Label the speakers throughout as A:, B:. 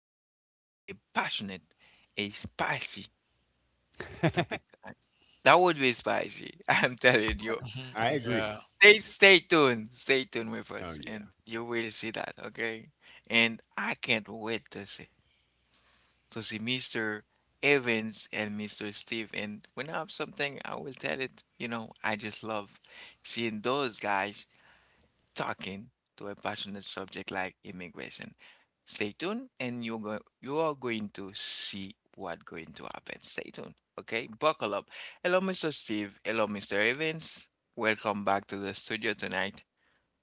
A: for a passionate, a spicy topic. That would be spicy. I'm telling you.
B: Mhm.
C: I agree.
B: Yeah.
A: Stay tuned. Stay tuned with
C: Oh,
A: us,
C: yeah.
A: and you will see that. Okay. And I can't wait to see Mr. Evans and Mr. Steve. And when I have something, I will tell it. I just love seeing those guys talking to a passionate subject like immigration. Stay tuned, and you are going to see what going to happen. Stay tuned. Okay? Buckle up. Hello, Mr. Steve. Hello, Mr. Evans. Welcome back to the studio tonight.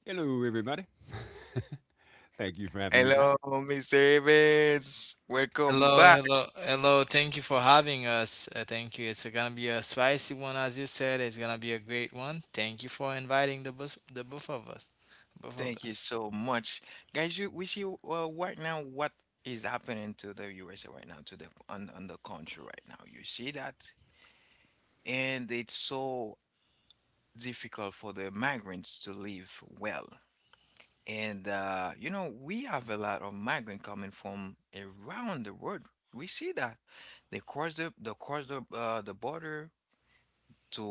C: Hello, everybody. Thank you for having me back.
A: Hello, Mr. Evans. Welcome
B: Hello,
A: back.
B: hello, hello. Thank you for having us. Thank you. It's gonna be a spicy one, as you said. It's gonna be a great one. Thank you for inviting the both of us, both of
A: Thank you
B: us.
A: so much. Guys, we see right now what is happening to the USA right now, to the on the country right now. You see that? And it's so difficult for the migrants to live well. And we have a lot of migrants coming from around the world. We see that they cross the the border to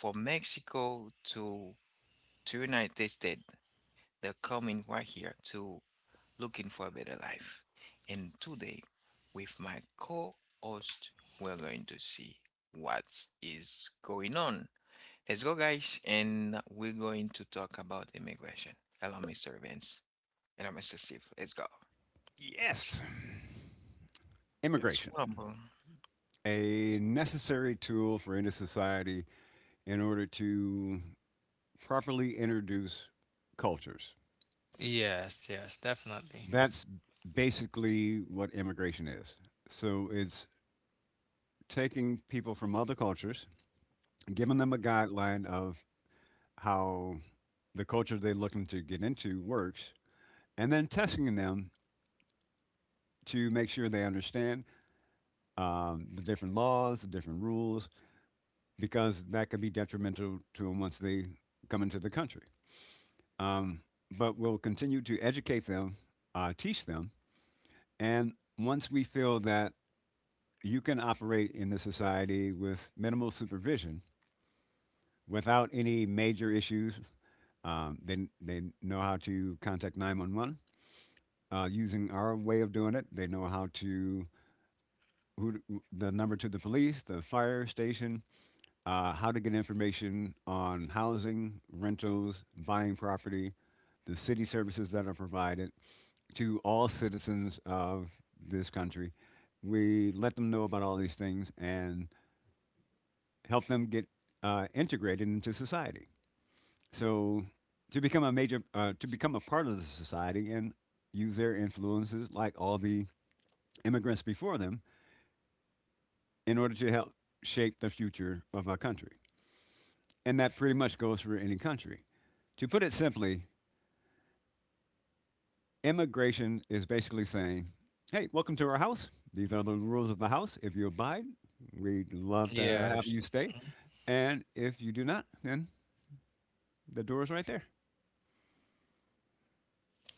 A: from Mexico to United States. They're coming right here to looking for a better life. And today, with my co-host, we're going to see what is going on. Let's go, guys, and we're going to talk about immigration. Hello, Mr. Evans, and I'm Mr. Steve. Let's go.
C: Yes.
A: It's
C: Immigration,
A: wonderful.
C: a necessary tool for any society in order to properly introduce cultures.
B: Yes, yes, definitely.
C: That's basically what immigration is. So it's taking people from other cultures, giving them a guideline of how the culture they're looking to get into works, and then testing them to make sure they understand the different laws, the different rules, because that could be detrimental to them once they come into the country. Um, but we'll continue to educate them, teach them, and once we feel that you can operate in the society with minimal supervision without any major issues, they know how to contact 911 using our way of doing it. They know how to, who, the number to the police, the fire station, how to get information on housing, rentals, buying property, the city services that are provided to all citizens of this country. We let them know about all these things and help them get integrated into society. So to become a to become a part of the society and use their influences like all the immigrants before them in order to help shape the future of our country. And that pretty much goes for any country. To put it simply, immigration is basically saying, "Hey, welcome to our house. These are the rules of the house. If you abide, we'd love to have
B: Yes,
C: you stay." And if you do not, then the door is right there.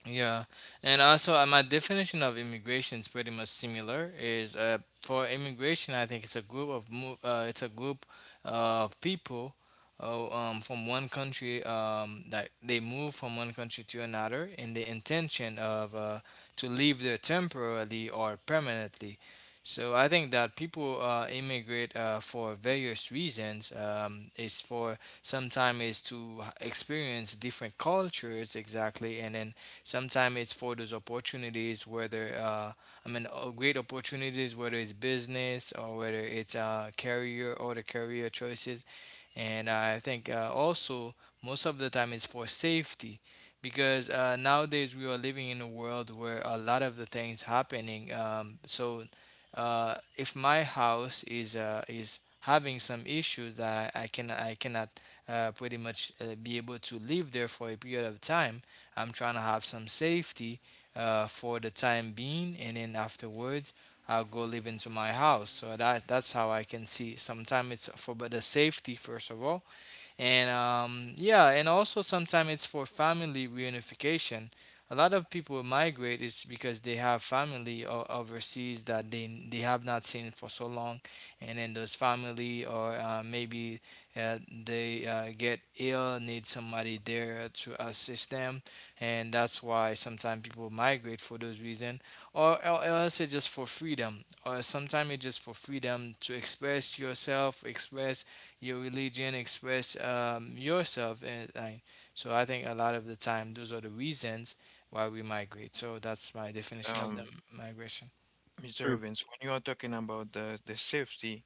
B: yeah, and also my definition of immigration is pretty much similar. Is for immigration, I think it's a group of it's a group of people from one country, that they move from one country to another in the intention of to live there temporarily or permanently. So I think that people immigrate for various reasons. It's for sometimes is to experience different cultures exactly, and then sometimes it's for those opportunities, whether great opportunities, whether it's business or whether it's career or the career choices. And I think also most of the time it's for safety because nowadays we are living in a world where a lot of the things happening. So if my house is having some issues that I cannot pretty much be able to live there for a period of time, I'm trying to have some safety for the time being, and then afterwards I'll go live into my house. So that's how I can see. Sometimes it's for but the safety first of all, and yeah, and also sometimes it's for family reunification. A lot of people migrate is because they have family overseas that they have not seen for so long, and then those family or maybe uh, they get ill, need somebody there to assist them, and that's why sometimes people migrate for those reasons, or else it's just for freedom, or sometimes it's just for freedom to express yourself, express your religion, express yourself. So I think a lot of the time, those are the reasons why we migrate. So that's my definition of the
A: Um,
B: migration.
A: Mr.
C: True.
A: Evans, when you are talking about the safety,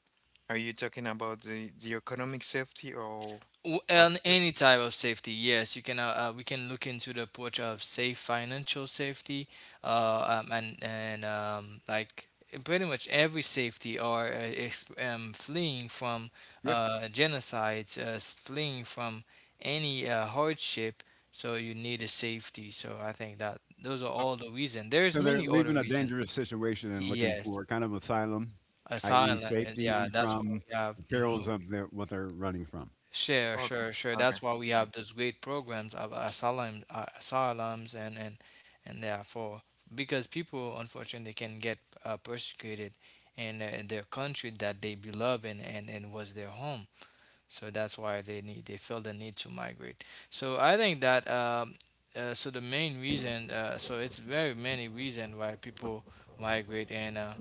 A: are you talking about the economic safety or, or
B: On
A: safety?
B: any type of safety, yes, you can we can look into the approach of safe financial safety and like pretty much every safety or fleeing from
C: Yeah.
B: genocides, fleeing from any hardship. So you need a safety, so I think that those are all the reasons. There's
C: So they're
B: many
C: leaving
B: other
C: a
B: reasons.
C: dangerous situation and looking
B: Yes,
C: for kind of asylum, i.e.,
B: asylum, and yeah,
C: safety
B: that's why
C: from
B: we have
C: the perils
B: mhm.
C: of their, what they're running from.
B: Sure,
A: Okay.
B: sure, sure.
A: Okay.
B: That's why we
A: Okay.
B: have those great programs of asylum, asylums, and therefore, because people unfortunately can get persecuted in, their country that they beloved and was their home. So that's why they feel the need to migrate. So I think that so the main reason so it's very many reasons why people migrate and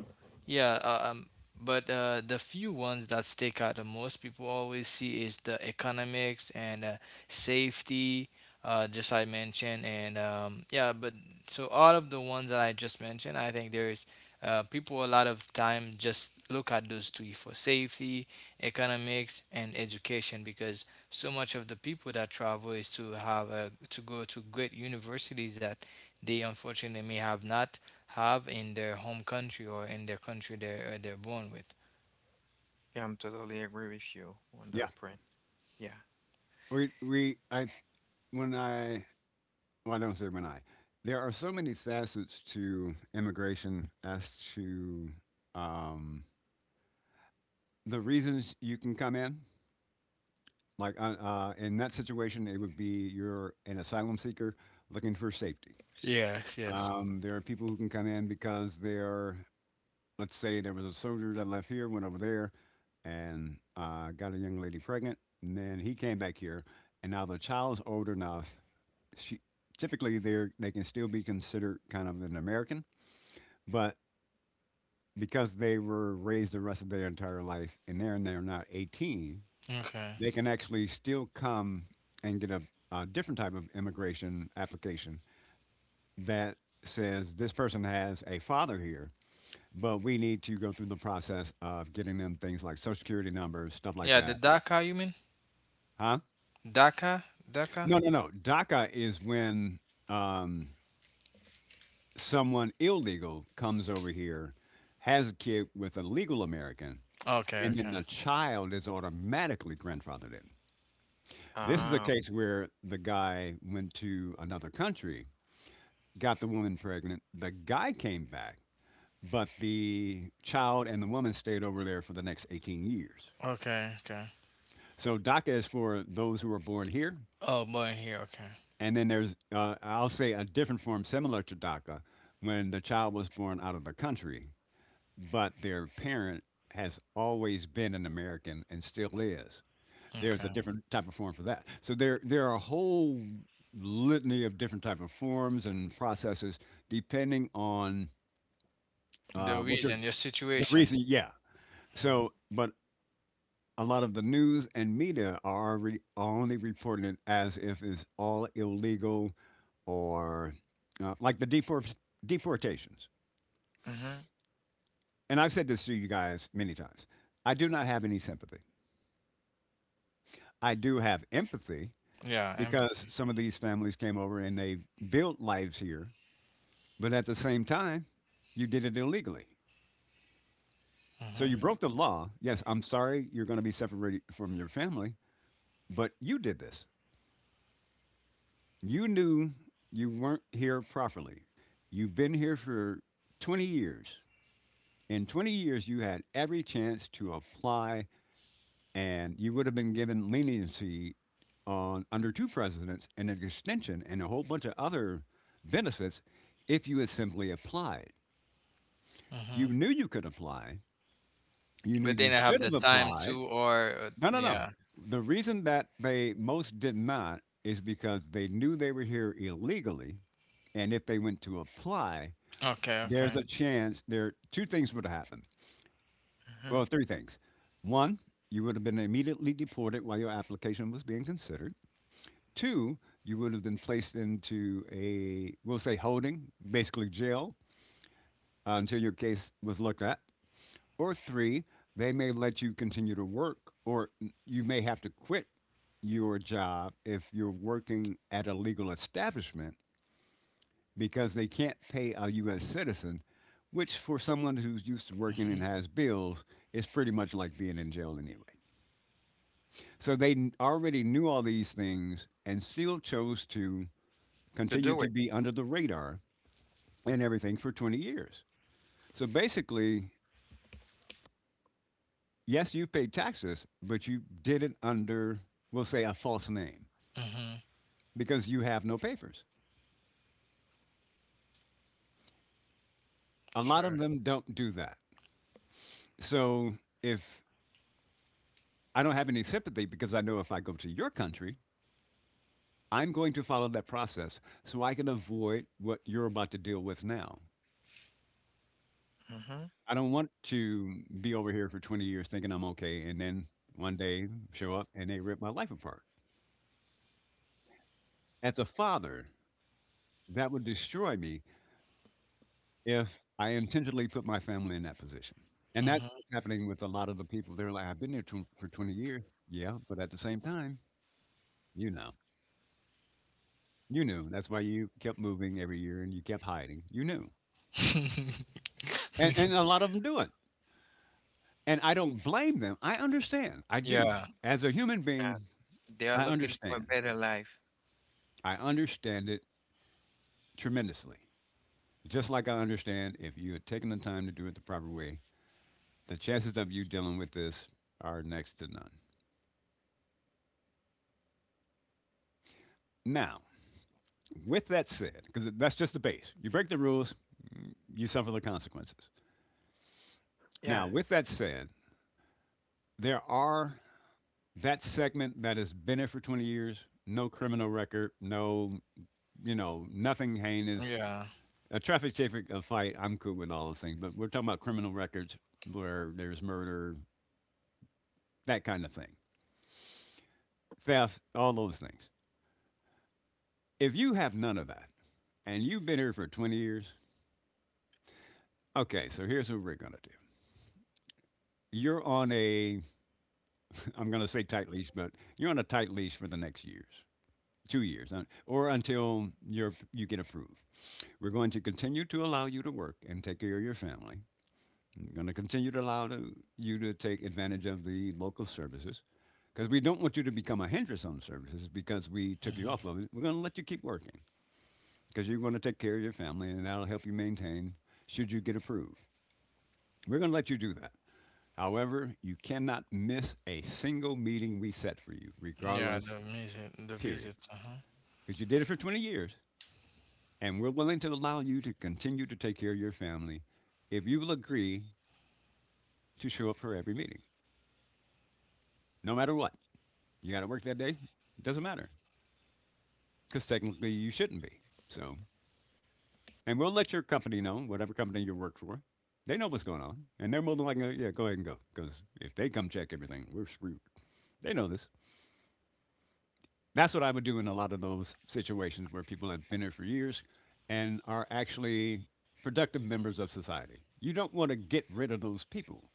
B: yeah, but the few ones that stick out the most people always see is the economics and safety just I mentioned, and yeah, but so out of the ones that I just mentioned, I think there is people a lot of time just look at those three: for safety, economics, and education, because so much of the people that travel is to have a, to go to great universities that they unfortunately may have not have in their home country or in their country they're born with.
A: Yeah, I'm totally agree with you on
C: Yeah.
A: that point. Yeah.
C: We, I, when I, well, I don't say when I, there are so many facets to immigration as to um, the reasons you can come in, like in that situation, it would be you're an asylum seeker looking for safety.
B: Yes, yes.
C: There are people who can come in because they're, let's say, there was a soldier that left here, went over there, and got a young lady pregnant, and then he came back here, and now the child's old enough. She typically they can still be considered kind of an American, but because they were raised the rest of their entire life, and they're not 18,
B: Okay.
C: they can actually still come and get a different type of immigration application that says this person has a father here, but we need to go through the process of getting them things like social security numbers, stuff like
B: Yeah, the
C: that.
B: DACA. You mean?
C: Huh?
B: DACA? DACA?
C: No, no, no. DACA is when um, someone illegal comes over here, has a kid with a legal American,
B: Okay,
C: and then
B: okay.
C: the child is automatically grandfathered in. This is a
A: Ah.
C: case where the guy went to another country, got the woman pregnant. The guy came back, but the child and the woman stayed over there for the next 18 years.
B: Okay, okay.
C: So DACA is for those who are born here.
B: Oh, born here. Okay.
C: And then there's, I'll say, a different form similar to DACA when the child was born out of the country, but their parent has always been an American and still is. There's a
B: Okay.
C: different type of form for that. So there are a whole litany of different type of forms and processes depending on
B: The
C: what your—
B: reason, your
C: the
B: situation.
C: reason, yeah. So, but a lot of the news and media are only reporting it as if it's all illegal or like the deportations.
A: Mm-hmm.
C: And I've said this to you guys many times. I do not have any sympathy. I do have empathy
B: Yeah,
C: because
B: empathy.
C: some of these families came over and they built lives here, but at the same time, you did it illegally. So
B: Mm-hmm.
C: you
A: Mm-hmm.
C: broke the law. Yes, I'm sorry you're going to be separated from your family, but you did this. You knew you weren't here properly. You've been here for 20 years. In 20 years, you had every chance to apply, and you would have been given leniency on under two presidents and an extension and a whole bunch of other benefits if you had simply applied.
B: Mm-hmm.
C: You knew you could apply. You knew
B: But they
C: you
B: don't have
C: should
B: the
C: have
B: time
C: applied.
B: to, or
C: No, no, no.
B: yeah.
C: The reason that they most did not is because they knew they were here illegally, and if they went to apply,
B: Okay,
C: there's
B: okay.
C: a chance there two things would have happened.
A: Mm-hmm.
C: Well, three things. One, you would have been immediately deported while your application was being considered. Two, you would have been placed into a we'll say holding, basically jail, until your case was looked at. Or three, they may let you continue to work, or you may have to quit your job if you're working at a legal establishment because they can't pay a U.S. citizen, which for someone who's used to working and
B: Mhm,
C: has bills is pretty much like being in jail anyway. So they already knew all these things and still chose to
A: To
C: continue
A: do
C: to
A: it.
C: be under the radar and everything for 20 years. So basically, yes, you paid taxes, but you did it under, we'll say, a false name
B: mhm.
C: because you have no papers. A lot of
B: Sure.
C: them don't do that. So if— I don't have any sympathy because I know if I go to your country, I'm going to follow that process so I can avoid what you're about to deal with now.
A: Mm-hmm.
C: I don't want to be over here for 20 years thinking I'm okay and then one day show up and they rip my life apart. As a father, that would destroy me if I intentionally put my family in that position. And that's
B: Mhm.
C: what's happening with a lot of the people. They're like, I've been here for 20 years. Yeah, but at the same time, you know, you knew. That's why you kept moving every year and you kept hiding. You knew. And a lot of them do it. And I don't blame them. I understand. I do.
B: Yeah,
C: As a human
A: Yeah.
C: being,
A: They are
C: I
A: looking for a
C: understand.
A: better life.
C: I understand it tremendously. Just like I understand if you had taken the time to do it the proper way, the chances of you dealing with this are next to none. Now, with that said, because that's just the base, you break the rules, you suffer the consequences.
A: Yeah.
C: Now, with that said, there are that segment that has been there for 20 years, no criminal record, no, you know, nothing heinous,
B: yeah.
C: a traffic ticket, a fight, I'm cool with all those things, but we're talking about criminal records where there's murder, that kind of thing, theft, all those things. If you have none of that and you've been here for 20 years, okay, so here's what we're going to do. You're on a, I'm going to say tight leash, but you're on a tight leash for the next years, 2 years, or until you're, you get approved. We're going to continue to allow you to work and take care of your family. We're going to continue to allow to, you to take advantage of the local services because we don't want you to become a hindrance on services because we took you
B: Mhm.
C: off of it. We're going to let you keep working because you're going to take care of your family and that'll help you maintain should you get approved. We're going to let you do that. However, you cannot miss a single meeting we set for you,
B: Yeah,
C: regardless,
B: the visit. The
C: period.
B: visits. Uh-huh.
C: Because you did it for 20 years and we're willing to allow you to continue to take care of your family if you will agree to show up for every meeting, no matter what. You got to work that day? It doesn't matter because technically you shouldn't be. So— and we'll let your company know, whatever company you work for. They know what's going on, and they're more than likely, yeah, go ahead and go. Because if they come check everything, we're screwed. They know this. That's what I would do in a lot of those situations where people have been here for years and are actually productive members of society. You don't want to get rid of those people,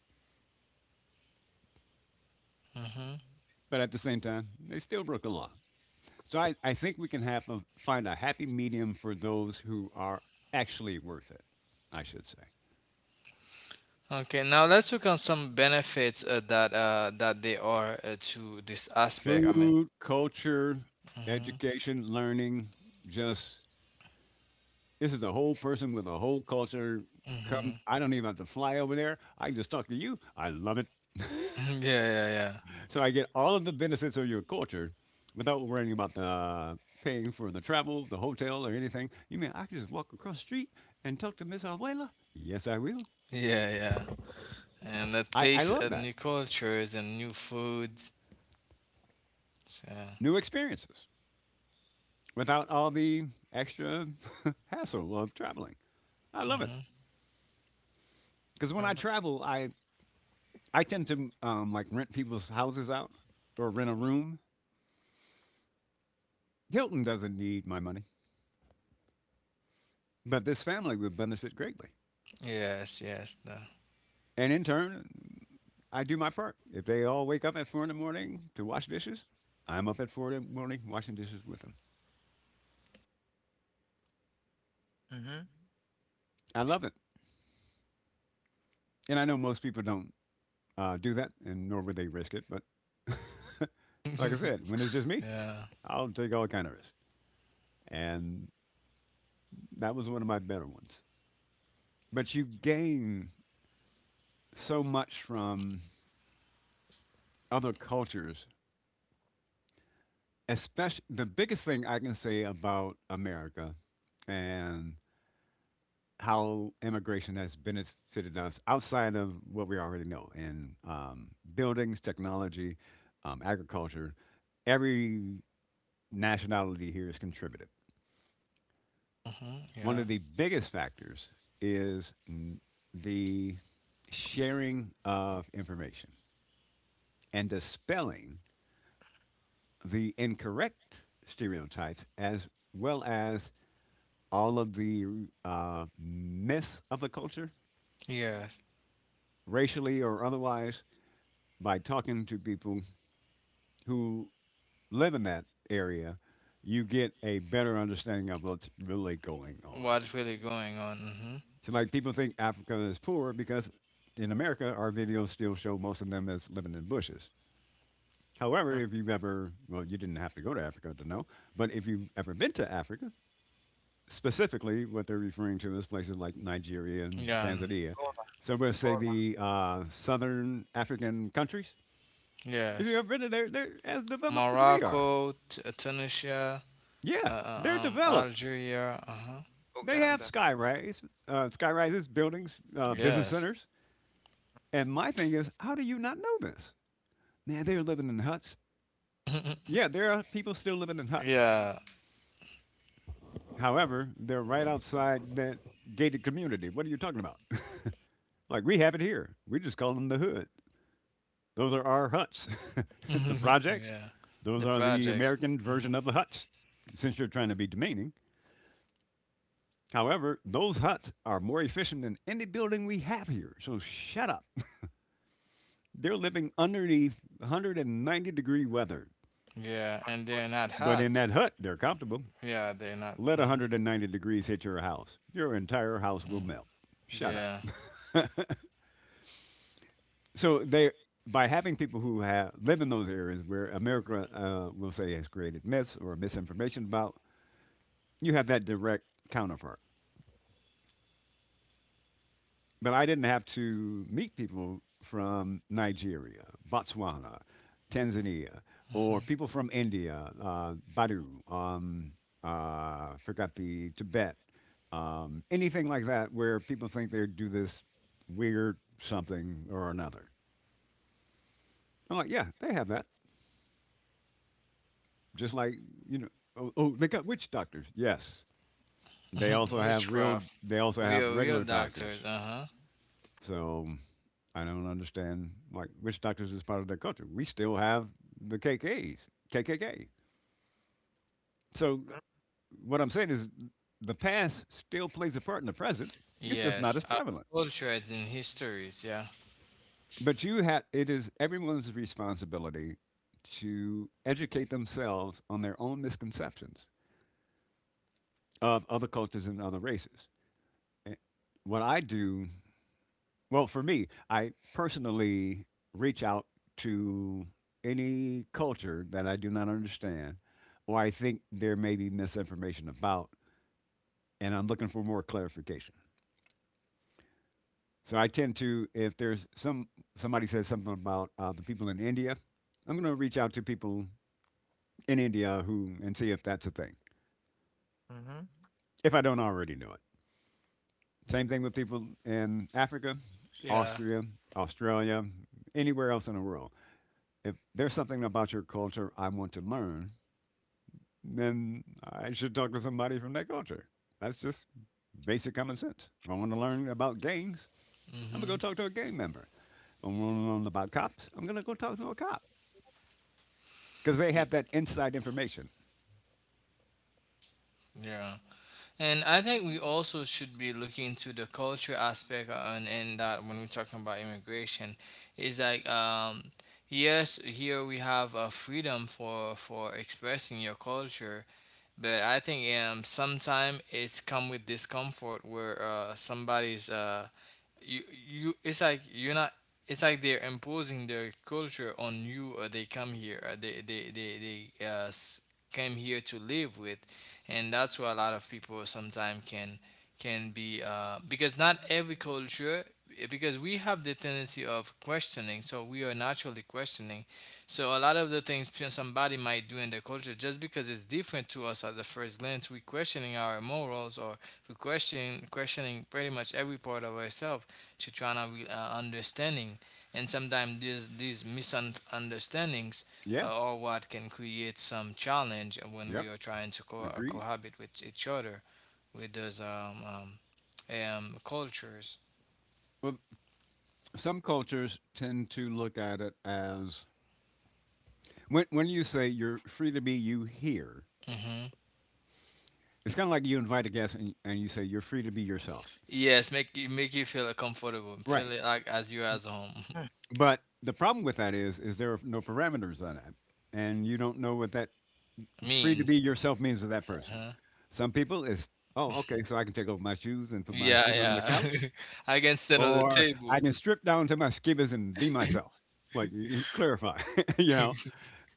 B: Mhm.
C: but at the same time, they still broke the law. So I think we can have a, find a happy medium for those who are actually worth it, I should say.
B: Okay, now let's look on some benefits that that they are to this aspect. I mean.
C: Food, culture,
B: Mhm.
C: education, learning, just this is a whole person with a whole culture. Come,
B: Mhm.
C: I don't even have to fly over there. I can just talk to you. I love it.
B: Mhm, yeah, yeah, yeah.
C: So I get all of the benefits of your culture without worrying about the paying for the travel, the hotel, or anything. You mean I can just walk across the street and talk to Miss Abuela? Yes, I will.
B: Yeah, yeah. And the
C: I
B: taste
C: love
B: of
C: that.
B: new cultures and new foods. So,
C: New experiences without all the extra hassle of traveling. I love it
B: mhm.
C: because when I
A: Mm-hmm.
C: travel, I tend to like rent people's houses out or rent a room. Hilton doesn't need my money, but this family would benefit greatly.
B: Yes, yes. The...
C: And in turn, I do my part. If they all wake up at 4 in the morning to wash dishes, I'm up at 4 in the morning washing dishes with them.
A: Mm-hmm.
C: I love it, and I know most people don't do that, and nor would they risk it. But like I said, when it's just me,
B: yeah.
C: I'll take all kind of risks, and that was one of my better ones. But you gain so much from other cultures. Especially the biggest thing I can say about America and how immigration has benefited us outside of what we already know in buildings, technology, agriculture. Every nationality here has contributed.
B: Mhm.
C: One
B: Yeah.
C: of the biggest factors is the sharing of information and the spelling the incorrect stereotypes as well as all of the myths of the culture,
B: Yes.
C: racially or otherwise, by talking to people who live in that area, you get a better understanding of what's really going on.
B: What's really going on. Hmm.
C: So, like, people think Africa is poor because in America, our videos still show most of them as living in bushes. However,
A: Mm-hmm.
C: if you've ever, well, you didn't have to go to Africa to know, but if you've ever been to Africa, specifically, what they're referring to is places like Nigeria and
B: Yeah,
C: Tanzania.
A: Angola,
C: So I'm going to say
A: Angola,
C: the southern African countries. If you've
B: yes.
C: ever been to there, they're as developed as we are.
B: Morocco, Tunisia,
C: Yeah, they're developed.
B: Algeria. Uh-huh.
C: They have
A: Uganda.
C: skyrises, buildings, business
B: Yes.
C: centers. And my thing is, how do you not know this? Man, they're living in huts. Yeah, there are people still living in huts.
B: yeah.
C: However, they're right outside that gated community. What are you talking about? Like we have it here. We just call them the hood. Those are our huts. The projects,
B: yeah.
C: those
B: The
C: are the
B: projects.
C: American
B: Hmm.
C: version of the huts, since you're trying to be demeaning. However, those huts are more efficient than any building we have here. So shut up. They're living underneath 190-degree weather.
B: Yeah, and they're not
C: But in
B: hot.
C: that hut, they're comfortable.
B: Yeah, they're not.
C: Let
B: Hmm.
C: 190 degrees hit your house. Your entire house will melt. Shut up.
B: Yeah.
C: So they, by having people who have live in those areas where America will say has created myths or misinformation about, you have that direct counterpart. But I didn't have to meet people from Nigeria, Botswana, Tanzania, or
B: Hmm.
C: people from India, Badu, um, forgot the Tibet, anything like that, where people think they do this weird something or another. I'm like, yeah, they have that. Just like you know. Oh, they got witch doctors. Yes, they also have real.
B: Witchcraft.
C: They also have
B: Real, real
C: regular
B: doctors.
C: doctors.
B: Uh huh.
C: So I don't understand. Like witch doctors is part of their culture. We still have the KKK. So what I'm saying is, the past still plays a part in the present. It's just not
B: Yes.
C: as
B: Our
C: prevalent.
B: cultures and histories. Yeah.
C: But you have. It is everyone's responsibility to educate themselves on their own misconceptions of other cultures and other races. A- What I do Well, for me, I personally reach out to any culture that I do not understand or I think there may be misinformation about, and I'm looking for more clarification. So I tend to, if there's somebody says something about the people in India, I'm going to reach out to people in India who and see if that's a thing.
A: Mm-hmm.
C: If I don't already know it. Same thing with people in Africa,
B: Yeah.
C: Austria, Australia, anywhere else in the world. If there's something about your culture I want to learn, then I should talk to somebody from that culture. That's just basic common sense. If I want to learn about gangs, I'm going
B: Mm-hmm.
C: to go talk to a gang member. If I want to learn about cops, I'm going to go talk to a cop because they have that inside information.
B: Yeah. And I think we also should be looking into the culture aspect on, and that when we're talking about immigration is like, yes, here we have a freedom for expressing your culture, but I think sometime it's come with discomfort where somebody's you you it's like you're not, it's like they're imposing their culture on you, or they come here, or they came here to live with, and that's where a lot of people sometimes can be because not every culture, because we have the tendency of questioning, so we are naturally questioning. So a lot of the things somebody might do in their culture, just because it's different to us, at the first glance we questioning our morals, or we questioning pretty much every part of ourselves to try to understanding. And sometimes these misunderstandings
C: Yeah,
B: are what can create some challenge when we
C: yep,
B: are trying to
C: agreed.
B: cohabit with each other with those cultures.
C: Well, some cultures tend to look at it as when you say you're free to be you here,
B: Hmm.
C: it's kind of like you invite a guest and you say you're free to be yourself.
B: Yes, make you, make you feel comfortable,
C: Right.
B: feel it like as you
A: Hmm.
B: as home.
C: But the problem with that is there are no parameters on that, and you don't know what that free to be
B: Means.
C: yourself means to that person.
B: Huh?
C: Some people is, oh, okay, so I can take off my shoes and put my
B: Yeah,
C: feet on the couch,
B: yeah. I can stand on the
C: or I
B: table.
C: can strip down to my skivvies and be myself. Like clarify, you know.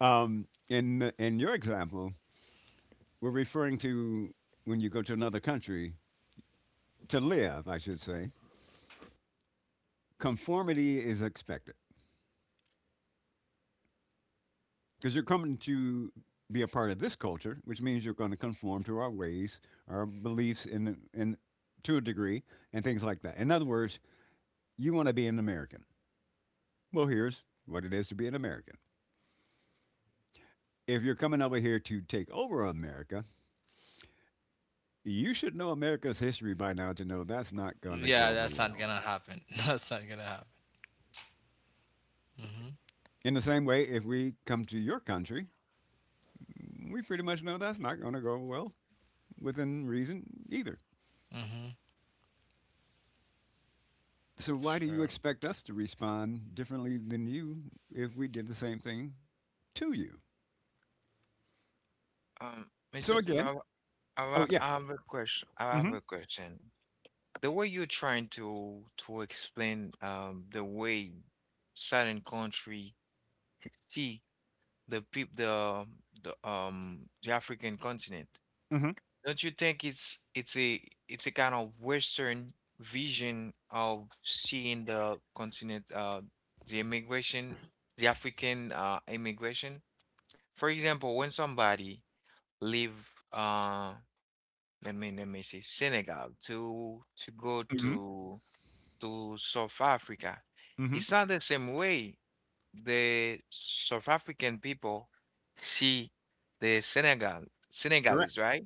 C: In your example, we're referring to when you go to another country to live, I should say. Conformity is expected, because you're coming to be a part of this culture, which means you're going to conform to our ways, our beliefs, in to a degree, and things like that. In other words, you want to be an American. Well, here's what it is to be an American. If you're coming over here to take over America, you should know America's history by now to know that's not going to go
B: Yeah,
C: over
B: that's not
C: well.
B: gonna happen. That's not gonna happen. Mm-hmm.
C: In the same way, if we come to your country, we pretty much know that's not going to go well within reason either.
B: Mm-hmm.
C: So why do you
B: Sure.
C: expect us to respond differently than you if we did the same thing to you?
A: Um, Mr.
C: So again.
A: Siva,
C: Oh yeah.
A: I have a question. I have
C: Hmm.
A: a question. The way you're trying to explain the way certain country see the peop the African continent. Don't you think it's a kind of Western vision of seeing the continent, the immigration, the African immigration? For example, when somebody leave, let me see, Senegal to go
C: Hmm.
A: to South Africa,
C: Hmm.
A: it's not the same way the South African people see the
C: Correct.
A: Senegalese, right?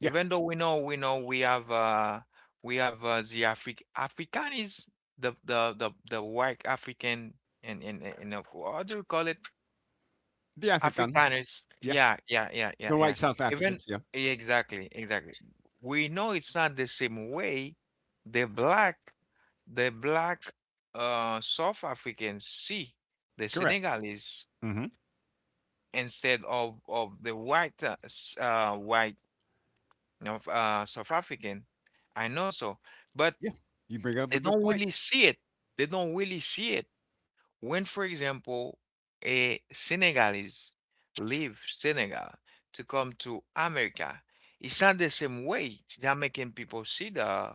C: Yeah,
A: Even though we know we have the Afri African is the white African and of course, what do you call it?
C: the Afrikaners.
A: Afrikaners.
C: Yeah,
A: Yeah, yeah, yeah, yeah,
C: the
A: yeah.
C: white South
A: Even
C: Africans. Yeah,
A: yeah, exactly, exactly. We know it's not the same way the black the black South Africans see the
C: correct.
A: Senegalese
C: Hmm.
A: instead of the white North South African. I know so, but
C: Yeah, you bring up
A: they
C: a good
A: don't
C: point.
A: really see it. They don't really see it. When, for example, a Senegalese leave Senegal to come to America, it's not the same way Jamaican people see the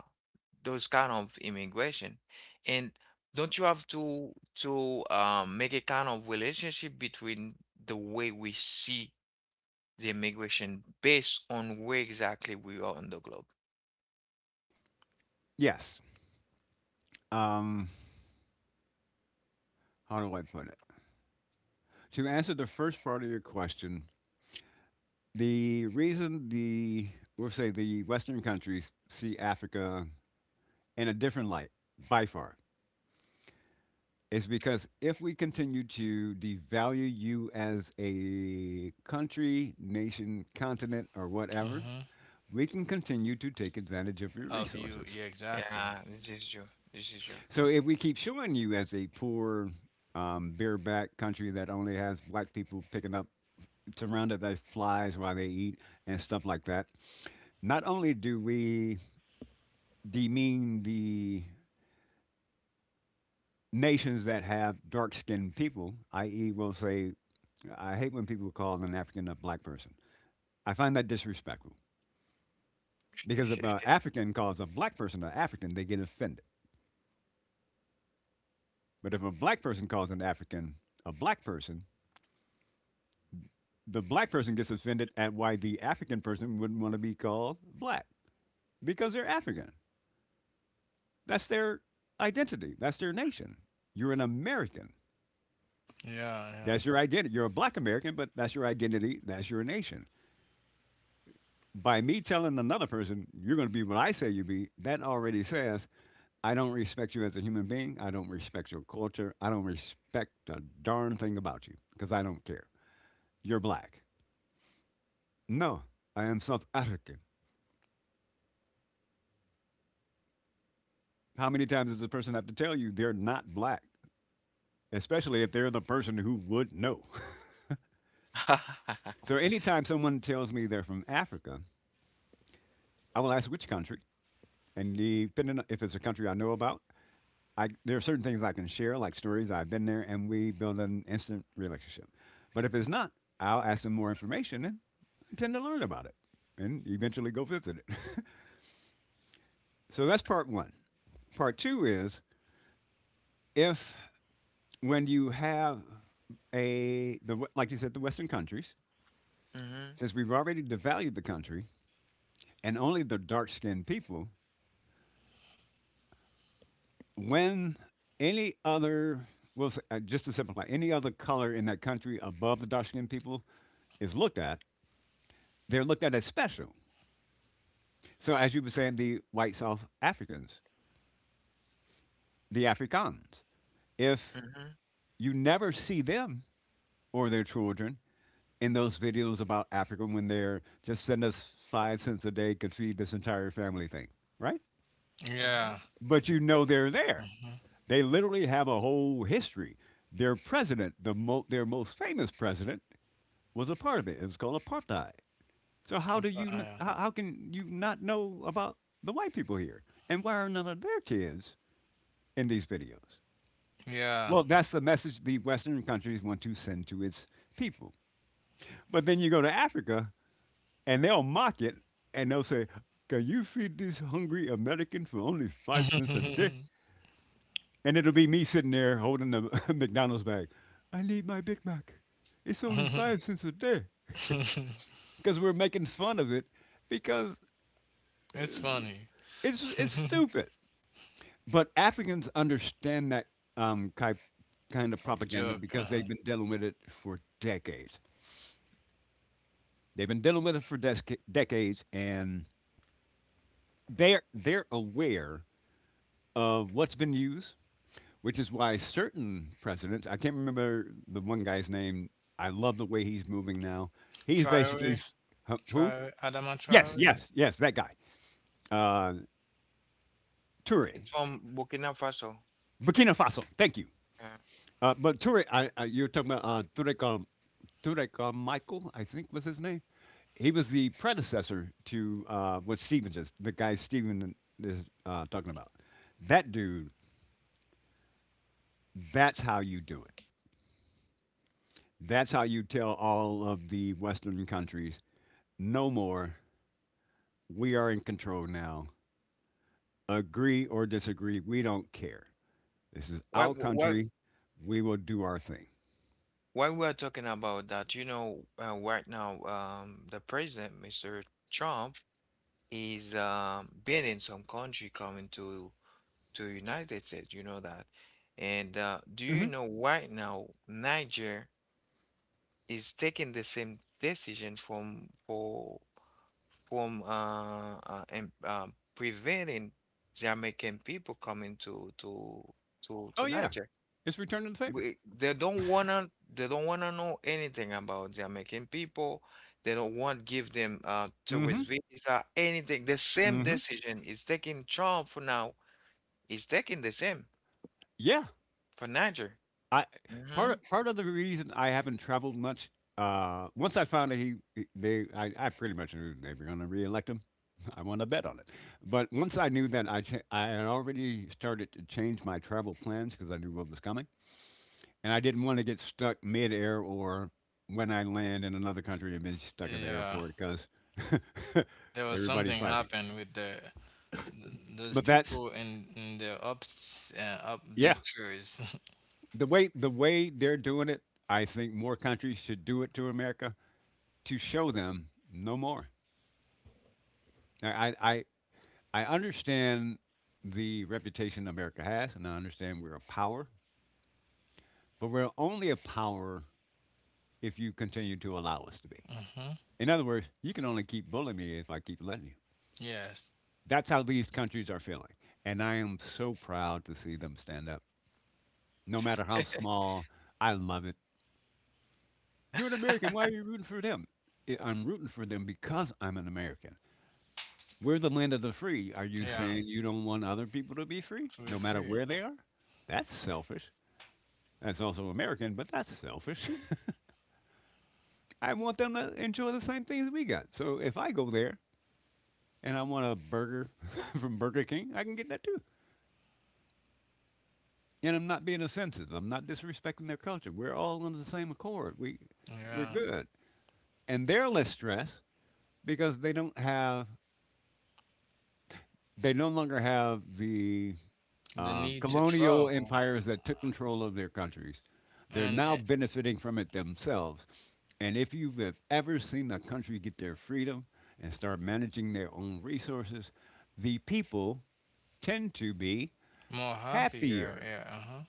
A: those kind of immigration. And don't you have to make a kind of relationship between the way we see the immigration based on where exactly we are on the globe?
C: Yes. Um, how do I put it? To answer the first part of your question, the reason, the, we'll say, the Western countries see Africa in a different light by far is because if we continue to devalue you as a country, nation, continent, or whatever, we can continue to take advantage of your
B: Of you,
C: resources.
B: yeah, exactly.
A: Yeah, this is true. This is
C: So if we keep showing you as a poor, bareback country that only has black people picking up, surrounded by flies while they eat and stuff like that, not only do we demean the nations that have dark skinned people, i.e., we'll say, I hate when people call an African a black person. I find that disrespectful because if
A: true.
C: an African calls a black person an African, they get offended. But if a black person calls an African a black person, the black person gets offended at why the African person wouldn't want to be called black because they're African. That's their identity, that's their nation. You're an American.
B: Yeah,
C: That's your identity. You're a black American, but that's your identity, that's your nation. By me telling another person, you're going to be what I say you be, that already says I don't respect you as a human being. I don't respect your culture. I don't respect a darn thing about you because I don't care. You're black. No, I am South African. How many times does a person have to tell you they're not black, especially if they're the person who would know? So, anytime someone tells me they're from Africa, I will ask which country. And depending on if it's a country I know about, I there are certain things I can share, like stories I've been there, and we build an instant relationship. But if it's not, I'll ask them more information and I tend to learn about it and eventually go visit it. So that's part one. Part two is, if when you have a the, like you said, the Western countries,
A: Mm-hmm.
C: since we've already devalued the country and only the dark-skinned people, when any other, well, just to simplify, any other color in that country above the dark-skinned people is looked at, they're looked at as special. So, as you were saying, the white South Africans, the Afrikaans, if
A: Mm-hmm.
C: you never see them or their children in those videos about Africa when they're just send us 5 cents a day could feed this entire family thing, right?
B: yeah,
A: Mm-hmm.
B: yeah.
C: But you know they're there. They literally have a whole history. Their president, their most famous president, was a part of it. It was called apartheid. So how do you?
B: Mm-hmm.
C: How can you not know about the white people here? And why are none of their kids in these videos?
B: Yeah.
C: Well, that's the message the Western countries want to send to its people. But then you go to Africa and they'll mock it and they'll say, can you feed this hungry American for only 5 cents a day?
B: Yeah.
C: And it'll be me sitting there holding the McDonald's bag. I need my Big Mac. It's only 5 cents a day. Because we're making fun of it because
B: It's
C: uh,
B: funny.
C: it's, it's stupid. But Africans understand that type, kind of
B: Of
C: propaganda
B: joke.
C: because
B: Uh-huh.
C: they've been dealing with it for decades. They've been dealing with it for decades, and they're aware of what's been used, which is why certain presidents. I can't remember the one guy's name. I love the way he's moving now. He's basically
B: Traore,
C: huh? Who?
B: Traore, Adama
C: Yes,
B: Traore.
C: yes, yes, that guy. Uh, Toure,
A: It's from Burkina Faso.
C: Burkina Faso. Thank you.
A: Yeah.
C: But Toure, you're talking about Toure Carmichael, I think was his name. He was the predecessor to what Steven just, the guy Steven is talking about. That dude, that's how you do it. That's how you tell all of the Western countries, no more. We are in control now. Agree or disagree, we don't care. This is
A: Why,
C: our
A: wh- why,
C: country. We will do our thing.
A: why we are talking about that? Right now, the president, Mr. Trump, is banning some country coming to United States. You know that. And do you
C: Hmm.
A: know right now, Niger is taking the same decision from for from and, preventing Jamaican people coming to
C: Oh, yeah.
A: Niger.
C: It's return to the favor.
A: We, they don't wanna know anything about Jamaican people. They don't want give them tourist
C: Hmm.
A: visa, anything. The same
C: Hmm.
A: decision is taking Trump for now. Is taking the same
C: Yeah.
A: for Niger.
C: I
A: Mm-hmm.
C: part of the reason I haven't traveled much. Once I found that they, I pretty much knew they were going to reelect him. I won a bet on it. But once I knew that, I had already started to change my travel plans because I knew what was coming, and I didn't want to get stuck midair or when I land in another country and be stuck at the
B: Yeah,
C: airport because
B: there was
C: everybody's
B: something
C: fighting.
B: happened with the those
C: But that's,
B: people in the up up
C: yeah,
B: big chairs.
C: the way they're doing it. I think more countries should do it to America to show them no more. I, I, I understand the reputation America has, and I understand we're a power, but we're only a power if you continue to allow us to be.
B: Hmm.
C: In other words, you can only keep bullying me if I keep letting you.
B: Yes.
C: That's how these countries are feeling. And I am so proud to see them stand up. No matter how small, I love it. You're an American. Why are you rooting for them? I'm rooting for them because I'm an American. We're the land of the free. Are you
B: Yeah.
C: saying you don't want other people to be free,
B: To be
C: no matter
B: free.
C: where they are? That's selfish. That's also American, but that's selfish. I want them to enjoy the same things we got. So if I go there and I want a burger from Burger King, I can get that too. And I'm not being offensive. I'm not disrespecting their culture. We're all under the same accord. We're
B: Yeah.
C: good. And they're less stressed because they no longer have the
B: The need to
C: colonial
B: travel
C: empires that took control of their countries. They're
B: and
C: now benefiting from it themselves. And if you have ever seen a country get their freedom and start managing their own resources, the people tend to be
B: more happier.
C: happier
B: Yeah. Uh-huh.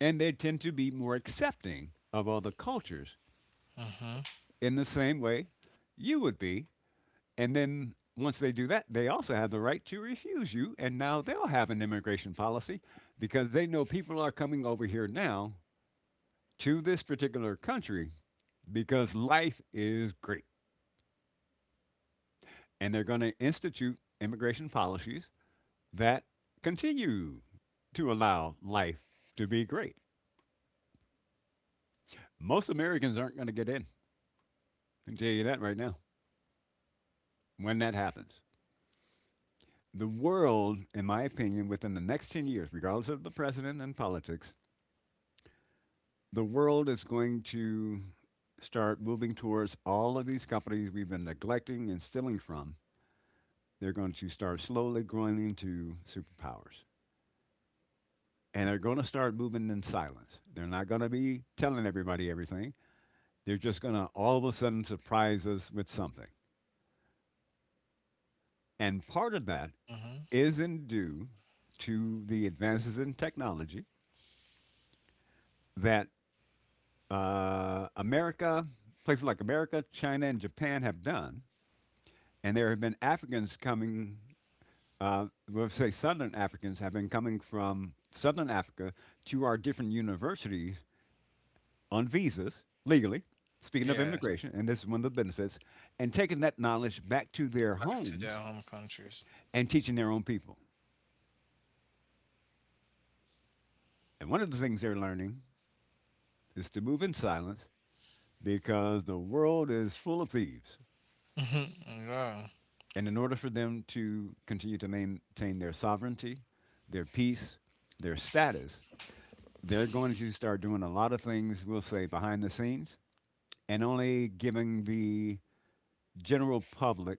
C: and they tend to be more accepting of other cultures
B: Mm-hmm.
C: in the same way you would be. And then once they do that, they also have the right to refuse you. And now they'll have an immigration policy because they know people are coming over here now to this particular country because life is great. And they're going to institute immigration policies that continue to allow life to be great. Most Americans aren't going to get in. I can tell you that right now when that happens. The world, in my opinion, within the next 10 years, regardless of the president and politics, the world is going to start moving towards all of these companies we've been neglecting and stealing from. They're going to start slowly growing into superpowers. And they're going to start moving in silence. They're not going to be telling everybody everything. They're just going to all of a sudden surprise us with something. And part of that
B: Mm-hmm.
C: isn't due to the advances in technology that America, places like America, China, and Japan have done. And there have been Africans coming, we'll say Southern Africans have been coming from Southern Africa to our different universities on visas legally, speaking of
B: Yes.
C: immigration, and this is one of the benefits, and taking that knowledge back to their
B: Back to their
C: homes
B: home countries.
C: and teaching their own people. And one of the things they're learning is to move in silence because the world is full of thieves.
B: Mm-hmm. Yeah.
C: And in order for them to continue to maintain their sovereignty, their peace, their status, they're going to start doing a lot of things, we'll say, behind the scenes and only giving the general public,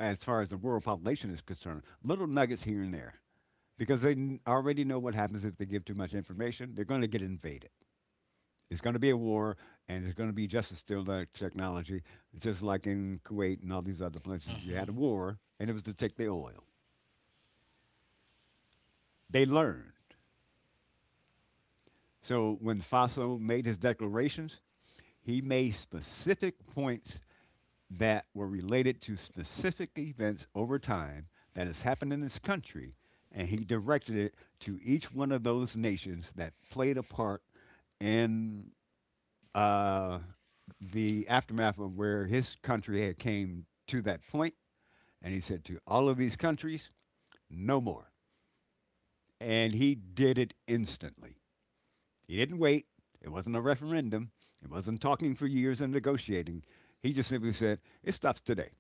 C: as far as the rural population is concerned, little nuggets here and there because they already know what happens if they give too much information. They're going to get invaded. It's going to be a war, and there's going to be just as still that technology, just like in Kuwait and all these other places. We had a
B: Mm-hmm.
C: war, and it was to take the oil. They learned. So when Faso made his declarations, he made specific points that were related to specific events over time that has happened in this country, and he directed it to each one of those nations that played a part in uh, the aftermath of where his country had came to that point. And he said to all of these countries, no more. And he did it instantly. He didn't wait. It wasn't a referendum. It wasn't talking for years and negotiating. He just simply said, it stops today.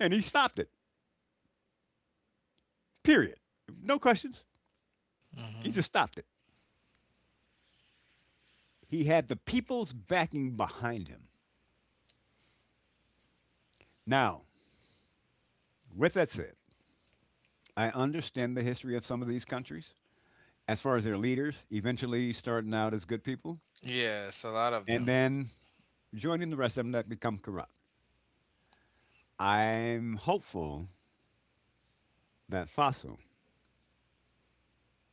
C: And he stopped it. Period. No questions. He
B: Mm-hmm.
C: just stopped it. He had the people's backing behind him. Now, with that said, I understand the history of some of these countries as far as their leaders eventually starting out as good people
B: Yes, a lot of
C: and
B: them.
C: then joining the rest of them that become corrupt. I'm hopeful that Faso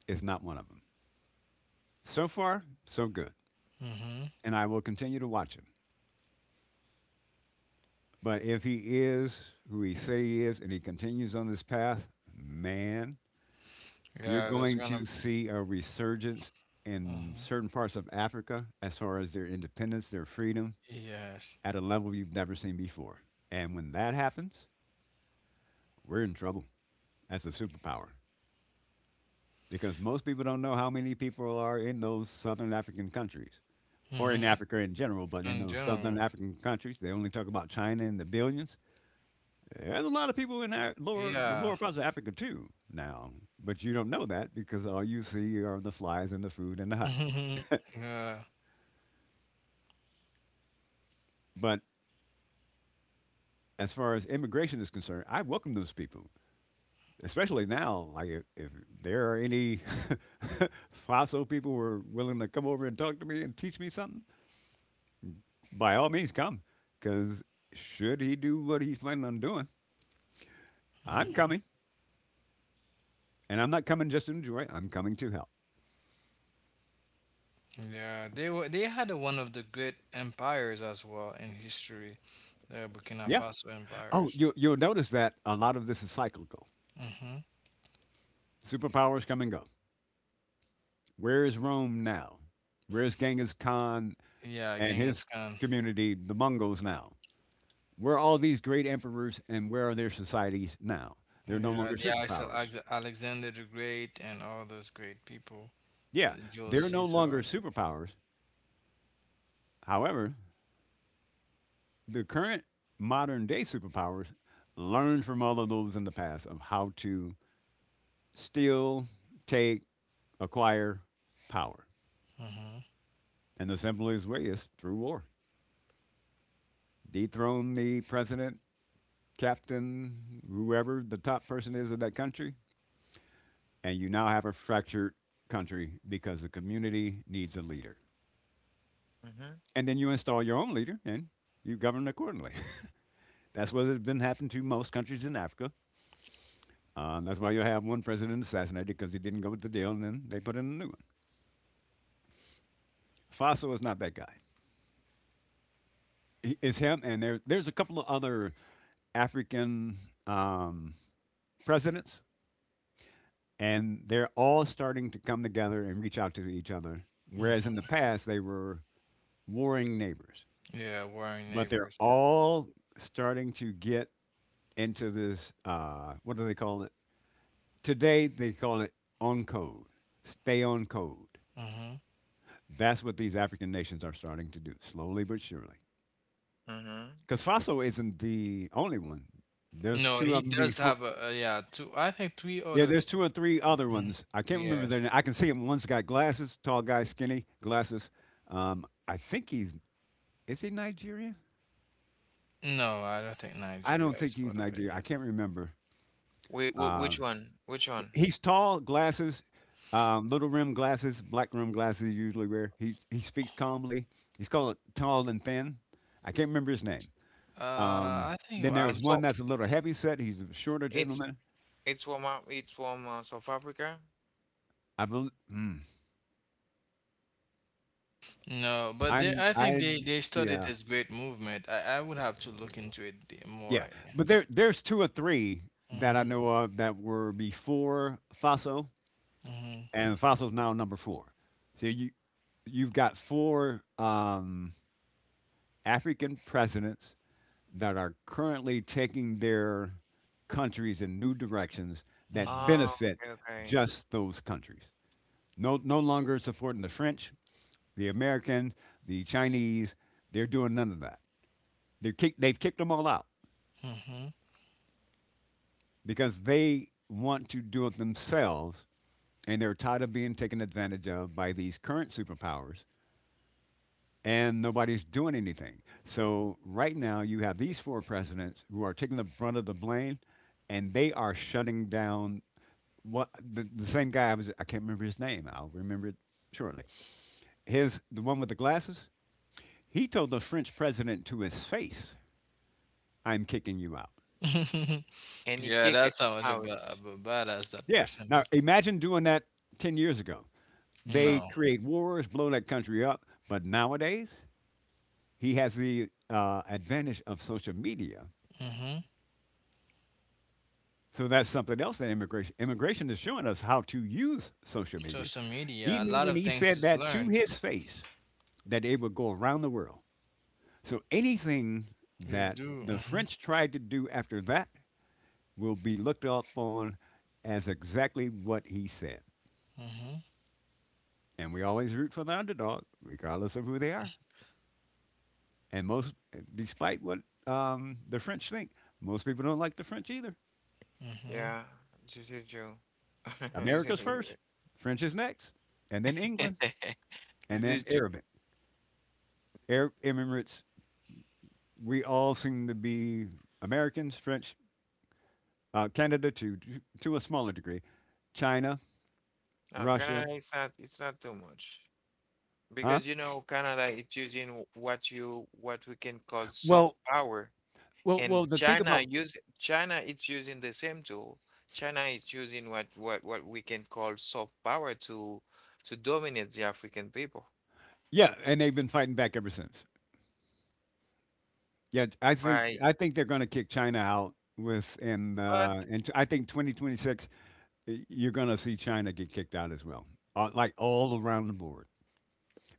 C: is not one of them. So far, so good,
B: Mm-hmm.
C: and I will continue to watch him. But if he is who he say he is and he continues on this path, man, you're
B: Yeah, there's
C: going to
B: gonna.
C: see a resurgence in
B: Mm-hmm.
C: certain parts of Africa as far as their independence, their freedom,
B: Yes.
C: at a level you've never seen before. And when that happens, we're in trouble as a superpower because most people don't know how many people are in those southern African countries or in
B: Mm-hmm.
C: Africa in general, but in
B: In
C: those southern
B: general.
C: African countries, they only talk about China in the billions. There's a lot of people in our lower, the
B: Yeah.
C: lower parts of Africa too now, but you don't know that because all you see are the flies and the food and the hut.
B: Yeah.
C: But as far as immigration is concerned, I welcome those people, especially now. Like if there are any fossil people who are willing to come over and talk to me and teach me something, by all means come. Because should he do what he's planning on doing, I'm
B: Mm-hmm.
C: coming, and I'm not coming just to enjoy. I'm coming to help.
B: Yeah. They were. They had one of the great empires as well in history. The Burkina
C: Yeah.
B: Faso
C: Oh,
B: empires.
C: you'll notice that a lot of this is cyclical.
B: Mm-hmm.
C: Superpowers come and go. Where is Rome now? Where's Genghis Khan
B: Yeah,
C: and
B: Genghis
C: his
B: Khan.
C: community, the Mongols now? Where are all these great emperors and where are their societies now? They're no
B: Yeah,
C: longer
B: the
C: superpowers.
B: Alexander the Great and all those great people.
C: Yeah,
B: Jules
C: they're no
B: Caesar.
C: longer superpowers. However, the current modern day superpowers learned from all of those in the past of how to steal, take, acquire power.
B: Hmm.
C: And the simplest way is through war. Dethrone the president, captain, whoever the top person is of that country, and you now have a fractured country because the community needs a leader.
A: Mm-hmm.
C: And then you install your own leader and you govern accordingly. That's what has been happening to most countries in Africa. That's why you have one president assassinated because he didn't go with the deal, and then they put in a new one. Faso is not that guy. It's him, and there's a couple of other African um, presidents, and they're all starting to come together and reach out to each other. Whereas in the
B: Hmm.
C: past, they were warring neighbors,
B: Yeah, warring
C: but they're
B: neighbors.
C: all starting to get into this what do they call it? Today they call it on code. Stay on code.
B: Hmm.
C: That's what these African nations are starting to do, slowly but surely.
A: Mm-hmm.
C: Because Faso isn't the only one. There's
B: No,
C: two
B: he
C: of them
B: does
C: before.
B: have a yeah, two I think three
C: Yeah,
B: other.
C: there's two or three other
B: Mhm.
C: ones. I can't remember
B: Yes.
C: their name. I can see him. One's got glasses, tall guy, skinny, glasses. I think he's is he Nigerian?
B: No, I don't think
C: I don't
B: Nigeria is
C: think he's
B: part of it
C: Nigerian. I
B: yet.
C: can't remember.
A: Wait,
C: Uh,
A: which one? Which one?
C: He's tall, glasses, little rim glasses, black rim glasses usually wear. He speaks calmly. He's called tall and thin. I can't remember his name. Um,
B: I think
C: then there is
B: I'm
A: It's
C: one
A: for
C: that's a little heavy set. He's a shorter
A: it's
C: gentleman.
A: it's from South Africa.
C: I bel mm,
B: no, but they
C: I'm
B: I think
C: I
B: they started
C: yeah
B: this great movement. I would have to look into it more.
C: yeah. But there's two or three that I
B: Mm-hmm.
C: know of that were before Faso,
B: Mm-hmm.
C: and Faso's now number four. So you've got four African presidents that are currently taking their countries in new directions that
B: Mm-hmm.
A: Oh,
C: benefit
A: okay, okay.
C: just those countries. No, no longer supporting the French, the Americans, the Chinese. They're doing none of that. They've kicked them all out
B: Mm-hmm.
C: because they want to do it themselves, and they're tired of being taken advantage of by these current superpowers, and nobody's doing anything. So right now you have these four presidents who are taking the brunt of the blame, and they are shutting down what the same guy. I can't remember his name. I'll remember it shortly. His the one with the glasses. He told the French president to his face, "I'm kicking you out."
A: And he
B: Yeah,
A: kicked
B: that's
A: it
B: how much
A: out.
B: of a badass that
C: Yeah.
B: person
C: Now imagine doing that 10 years ago. They
B: is.
C: create wars, blow that country up. But nowadays, he has the advantage of social media.
B: No.
C: So that's something else in immigration. Immigration is showing us how to use social media.
B: Social
C: He
B: media, a
C: knew
B: lot
C: when
B: of
C: he
B: things
C: said
B: is
C: that to
B: learned.
C: his face that it would go around the world. So anything
B: You
C: that
B: do.
C: the
B: Hmm.
C: French tried to do after that will be looked upon as exactly what he said.
B: Hmm.
C: And we always root for the underdog, regardless of who they are. And most, despite what the French think, most people don't like the French either.
B: Hmm.
A: Yeah, this is true.
C: America's first, French is next, and then England, and
A: This
C: then
A: is true.
C: Arabic, Arab Emirates. We all seem to be Americans, French, Canada to a smaller degree, China,
A: No,
C: Russia,
A: Canada is not, it's not too much,
C: huh?
A: because Canada it's using what you what we can call
C: Well,
A: soft power,
C: Well well,
A: and
C: the thing about
A: China it's using the same tool. China is using what we can call soft power to dominate the African people.
C: yeah, and they've been fighting back ever since. Yeah, I think
A: Right.
C: I think they're gonna kick China out within,
A: But.
C: I think 2026, y you're gonna see China get kicked out as well, like all around the board.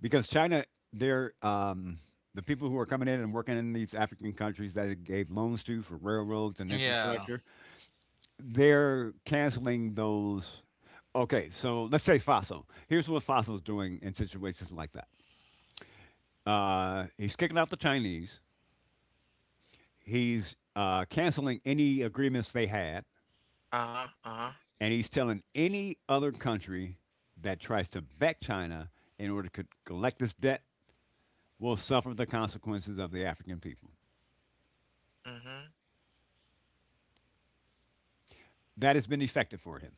C: Because China, they're, the people who are coming in and working in these African countries that it gave loans to for railroads and
B: Yeah.
C: infrastructure, they're canceling those. Okay, so let's say Faso. Here's what Faso's doing in situations like that. He's kicking out the Chinese. He's canceling any agreements they had,
A: Uh-huh, uh-huh.
C: and he's telling any other country that tries to back China in order to collect this debt will suffer the consequences of the African people.
A: Mhm,
C: That has been effective for him.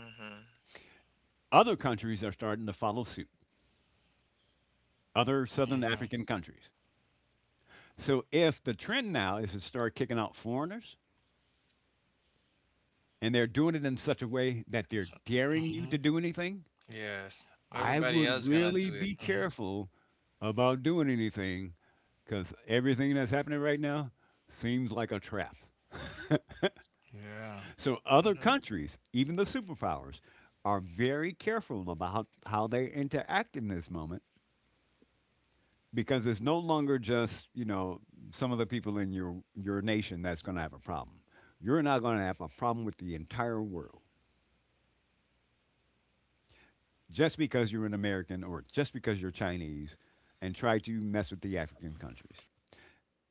A: mhm,
C: Other countries are starting to follow suit, other Southern
B: Mhm.
C: African countries. So if the trend now is to start kicking out foreigners, and they're doing it in such a way that they're
B: So,
C: daring you
B: hmm.
C: to do anything,
B: Yes.
C: I
B: Everybody
C: would
B: else gonna
C: really
B: do it.
C: be
B: Hmm.
C: careful about doing anything because everything that's happening right now seems like a trap.
B: Yeah.
C: So other
A: mhm,
C: countries, even the superpowers, are very careful about how they interact in this moment because it's no longer just, some of the people in your nation that's going to have a problem. You're not going to have a problem with the entire world just because you're an American or just because you're Chinese and try to mess with the African countries.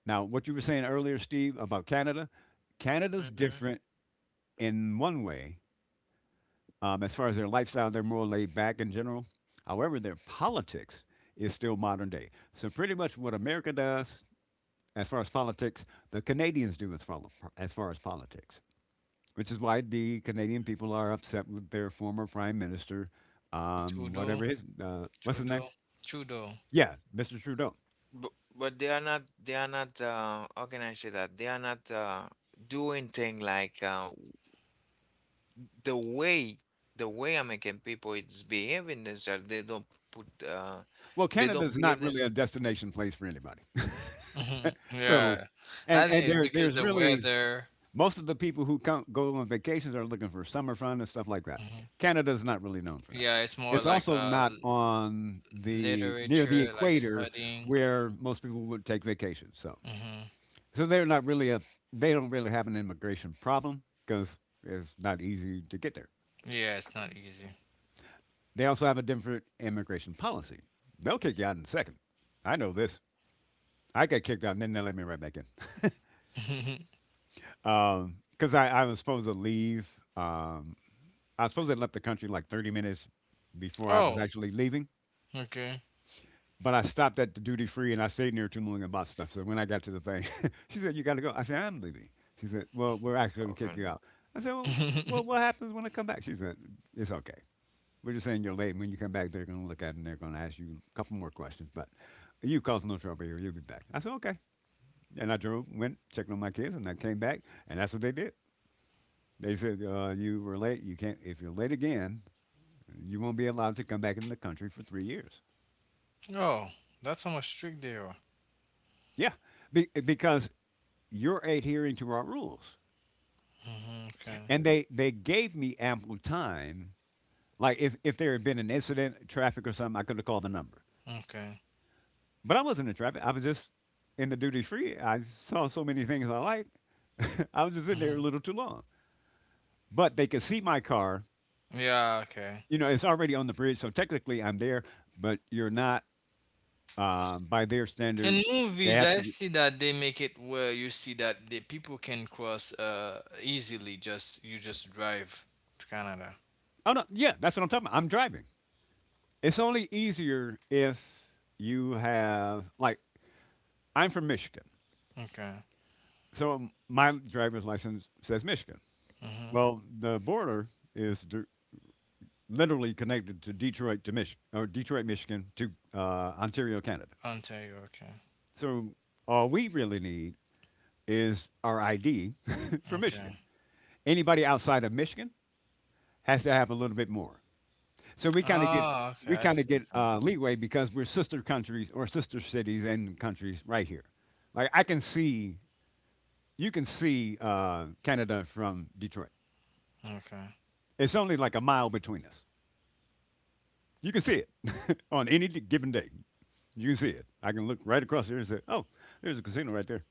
C: Now, what you were saying earlier, Steve, about Canada, Canada's
A: mhm.
C: different in one way. As far as their lifestyle, they're more laid back in general. However, their politics is still modern day. So, pretty much what America does as far as politics, the Canadians do as far as politics, which is why the Canadian people are upset with their former prime minister,
B: Trudeau.
C: what's his
B: Trudeau.
C: name?
B: Trudeau.
C: Yeah, Mr. Trudeau.
A: But but they are not, how can I say that? They are not doing thing like the way the way American people is behaving themselves. Put uh
C: Well,
A: they
C: Canada's
A: don't
C: not
A: behave
C: really a
A: themselves.
C: destination place for anybody.
B: Mhm.
C: So,
B: Yeah.
C: and
B: I
C: and
B: think
C: there
B: because
C: there's
B: the
C: really
B: weather.
C: most of the people who come go on vacations are looking for summer fun and stuff like that.
B: Hmm.
C: Canada's not really known for that.
B: Yeah, it's more
C: It's
B: like
C: also not on the near the
B: literature, like
C: equator
B: studying.
C: where most people would take vacation. So,
B: Hmm.
C: so they're not really a they don't really have an immigration problem because it's not easy to get there.
B: Yeah, it's not easy.
C: They also have a different immigration policy. They'll kick you out in a second. I know this. I got kicked out and then they let me right back in. Because I was supposed to leave. Um, I suppose I left the country like 30 minutes before I was
B: Oh,
C: actually leaving.
B: okay.
C: But I stopped at the duty free and I stayed near too long and bought stuff. So when I got to the thing, she said, "You got to go." I said, "I'm leaving." She said, "Well, we're actually going to kick you
A: Okay.
C: out." I said, well, "Well, what happens when I come back?" She said, "It's okay. We're just saying you're late. And when you come back, they're going to look at it and they're going to ask you a couple more questions. But you caused no trouble here. You'll be back." I said, "Okay." And I drove, went, checked on my kids, and I came back, and that's what they did. They said you were late. You can't if you're late again, you won't be allowed to come back in the country for 3 years.
B: Oh, that's how much strict they are.
C: Yeah, because you're adhering to our rules,
B: Mhm, okay.
C: and they gave me ample time. Like if there had been an incident, traffic or something, I could have called the number.
B: Okay.
C: But I wasn't in traffic. I was just in the duty free. I saw so many things I liked. I was just in there
B: Hmm.
C: a little too long. But they could see my car.
B: Yeah. Okay.
C: You know, it's already on the bridge, so technically I'm there, but you're not. By their
B: In
C: standards, they
B: movies,
C: have
B: I
C: to.
B: see that they make it where you see that the people can cross easily. Just you just drive to Canada.
C: Oh, no, yeah, that's what I'm talking about. I'm driving. It's only easier if you have like, I'm from Michigan,
B: Okay.
C: so my driver's license says Michigan.
B: Mm-hmm.
C: Well, the border is dir literally connected to Detroit to Mich or Detroit, Michigan to Ontario, Canada.
B: Ontario. Okay.
C: So all we really need is our ID for
B: Okay.
C: Michigan. Anybody outside of Michigan has to have a little bit more. So
B: Ah. Okay.
C: we
B: I
C: kind of
B: see
C: get
B: what you
C: leeway because we're sister countries or sister cities and countries right here. Like I can see You can see Canada from Detroit.
B: mean. Okay.
C: It's only like a mile between us. You can see it on any given day. You can see it. I can look right across here and say, "Oh, there's a casino right there."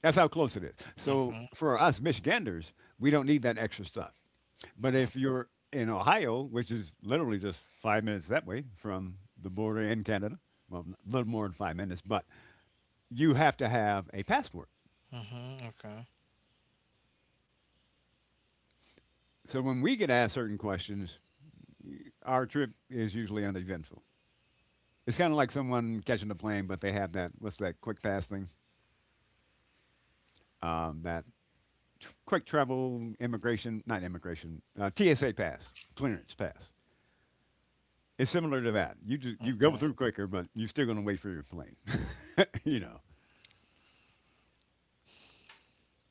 C: That's how close it is. So
B: Mm-hmm.
C: for us Michiganders, we don't need that extra stuff. But
B: Okay,
C: if you're in Ohio, which is literally just 5 minutes that way from the border in Canada, well, a little more than 5 minutes, but you have to have a passport.
B: mm-hmm. Okay.
C: So when we get asked certain questions, our trip is usually uneventful. It's kind of like someone catching a plane, but they have that what's that quick pass thing? Um, that Quick travel immigration, not immigration, TSA pass, clearance pass. It's similar to that. You just, you go
B: Okay.
C: through quicker, but you're still going to wait for your plane. you know.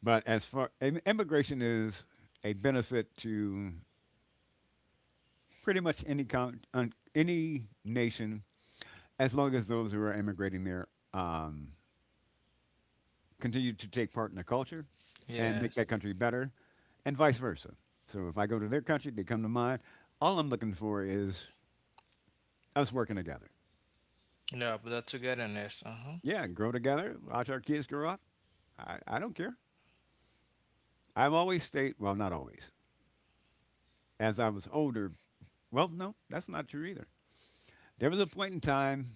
C: But as far immigration is a benefit to pretty much any nation, as long as those who are immigrating there um, continue to take part in the culture and make
B: Yes.
C: that country better, and vice versa. So if I go to their country, they come to mine. All I'm looking for is us working together.
B: Yeah, but that togetherness. Uh huh.
C: Yeah, grow together, watch our kids grow up. I don't care. I've always stayed, well, not always. As I was older, well, no, that's not true either. There was a point in time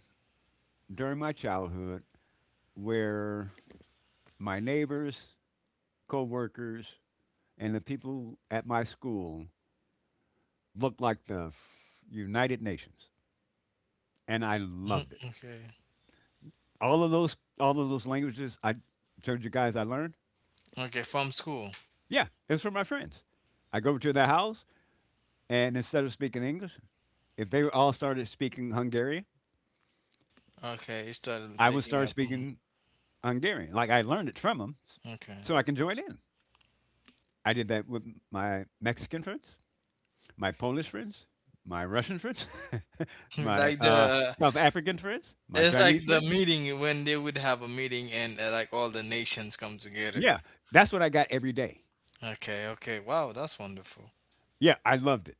C: during my childhood where my neighbors, coworkers, and the people at my school looked like the United Nations, and I loved it.
B: Okay.
C: All of those languages I told you guys I learned.
B: Okay. From school.
C: Yeah, it's from my friends. I go to their house, and instead of speaking English, if they all started speaking Hungarian,
B: Okay. You started
C: I would
B: picking
C: start
B: up. Mhm.
C: speaking Hungarian. Like I learned it from them,
B: Okay.
C: so I can join in. I did that with my Mexican friends, my Polish friends, my Russian friends, my
B: Like the uh,
C: South African friends, my
B: it's
C: Chinese
B: like the
C: friends.
B: meeting when they would have a meeting and like all the nations come together.
C: Yeah, that's what I got every day.
B: Okay, okay. Wow, that's wonderful.
C: Yeah, I loved it.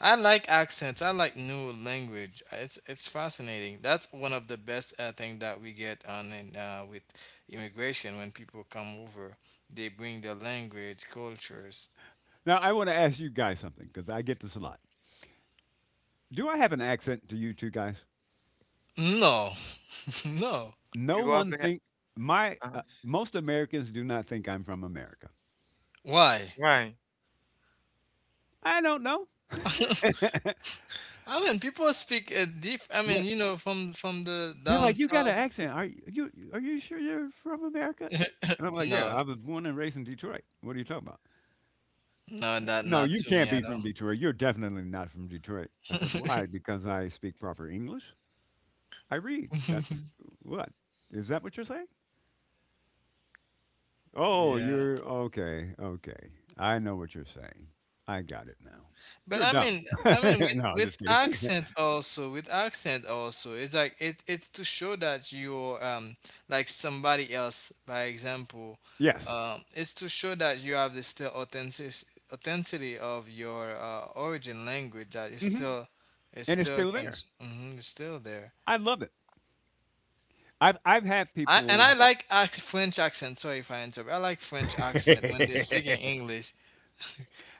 B: I like accents. I like new language. It's fascinating. That's one of the best thing that we get on in, with immigration when people come over. They bring their language, cultures.
C: Now, I want to ask you guys something because I get this a lot. Do I have an accent to you two guys?
B: No, no.
C: No
A: You
C: one
A: have a
C: think my
A: uh,
C: most Americans do not think I'm from America.
B: Why?
A: right.
C: I don't know.
B: I mean, people speak diff. I mean,
C: What-
B: you know, from the
C: They're
B: down
C: like, you got an
B: south.
C: accent. Are you, you are you sure you're from America? And I'm like, yeah,
B: No,
C: I was born and raised in Detroit. What are you talking about?
B: no, that
C: No,
B: not
C: you
B: to me
C: can't be
B: at all.
C: from Detroit. You're definitely not from Detroit. I said, why? Because I speak proper English. I read. That's what? Is that what you're saying? Oh,
B: Yeah,
C: you're okay. Okay. I know what you're saying. I got it now.
B: but
C: You're dumb.
B: I mean, with,
C: no,
B: with
C: just kidding.
B: accent also, with accent also, it's like it, it's to show that you're like somebody else. By example,
C: yes.
B: it's to show that you have the still authentic authenticity of your origin language that is
C: Hmm.
B: still, it
C: And it's
B: still
C: still
B: can,
C: there.
B: it's still there.
C: I love it. I've had
B: I and
C: people.
B: I like French accent. Sorry if I interrupt. I like French accent when they're speaking English.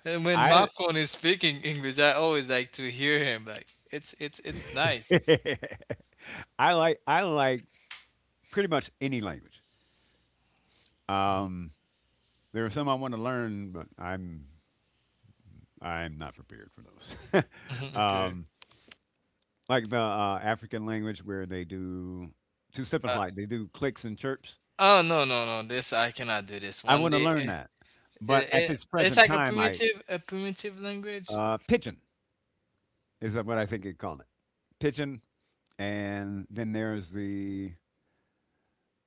B: And when my
C: I,
B: phone is speaking English, I always like to hear him. Like it's nice.
C: I like pretty much any language. Um, There are some I want to learn, but I'm not prepared for those.
B: Okay.
C: um, like the African language where they do to step
B: Uh,
C: flight, they do clicks and chirps.
B: oh no no no! This I cannot do this.
C: I
B: One
C: want to
B: day,
C: learn that, but at this
B: it's
C: present
B: like
C: time, I
B: a primitive language.
C: pigeon is what I think you call it, pigeon. And then there's the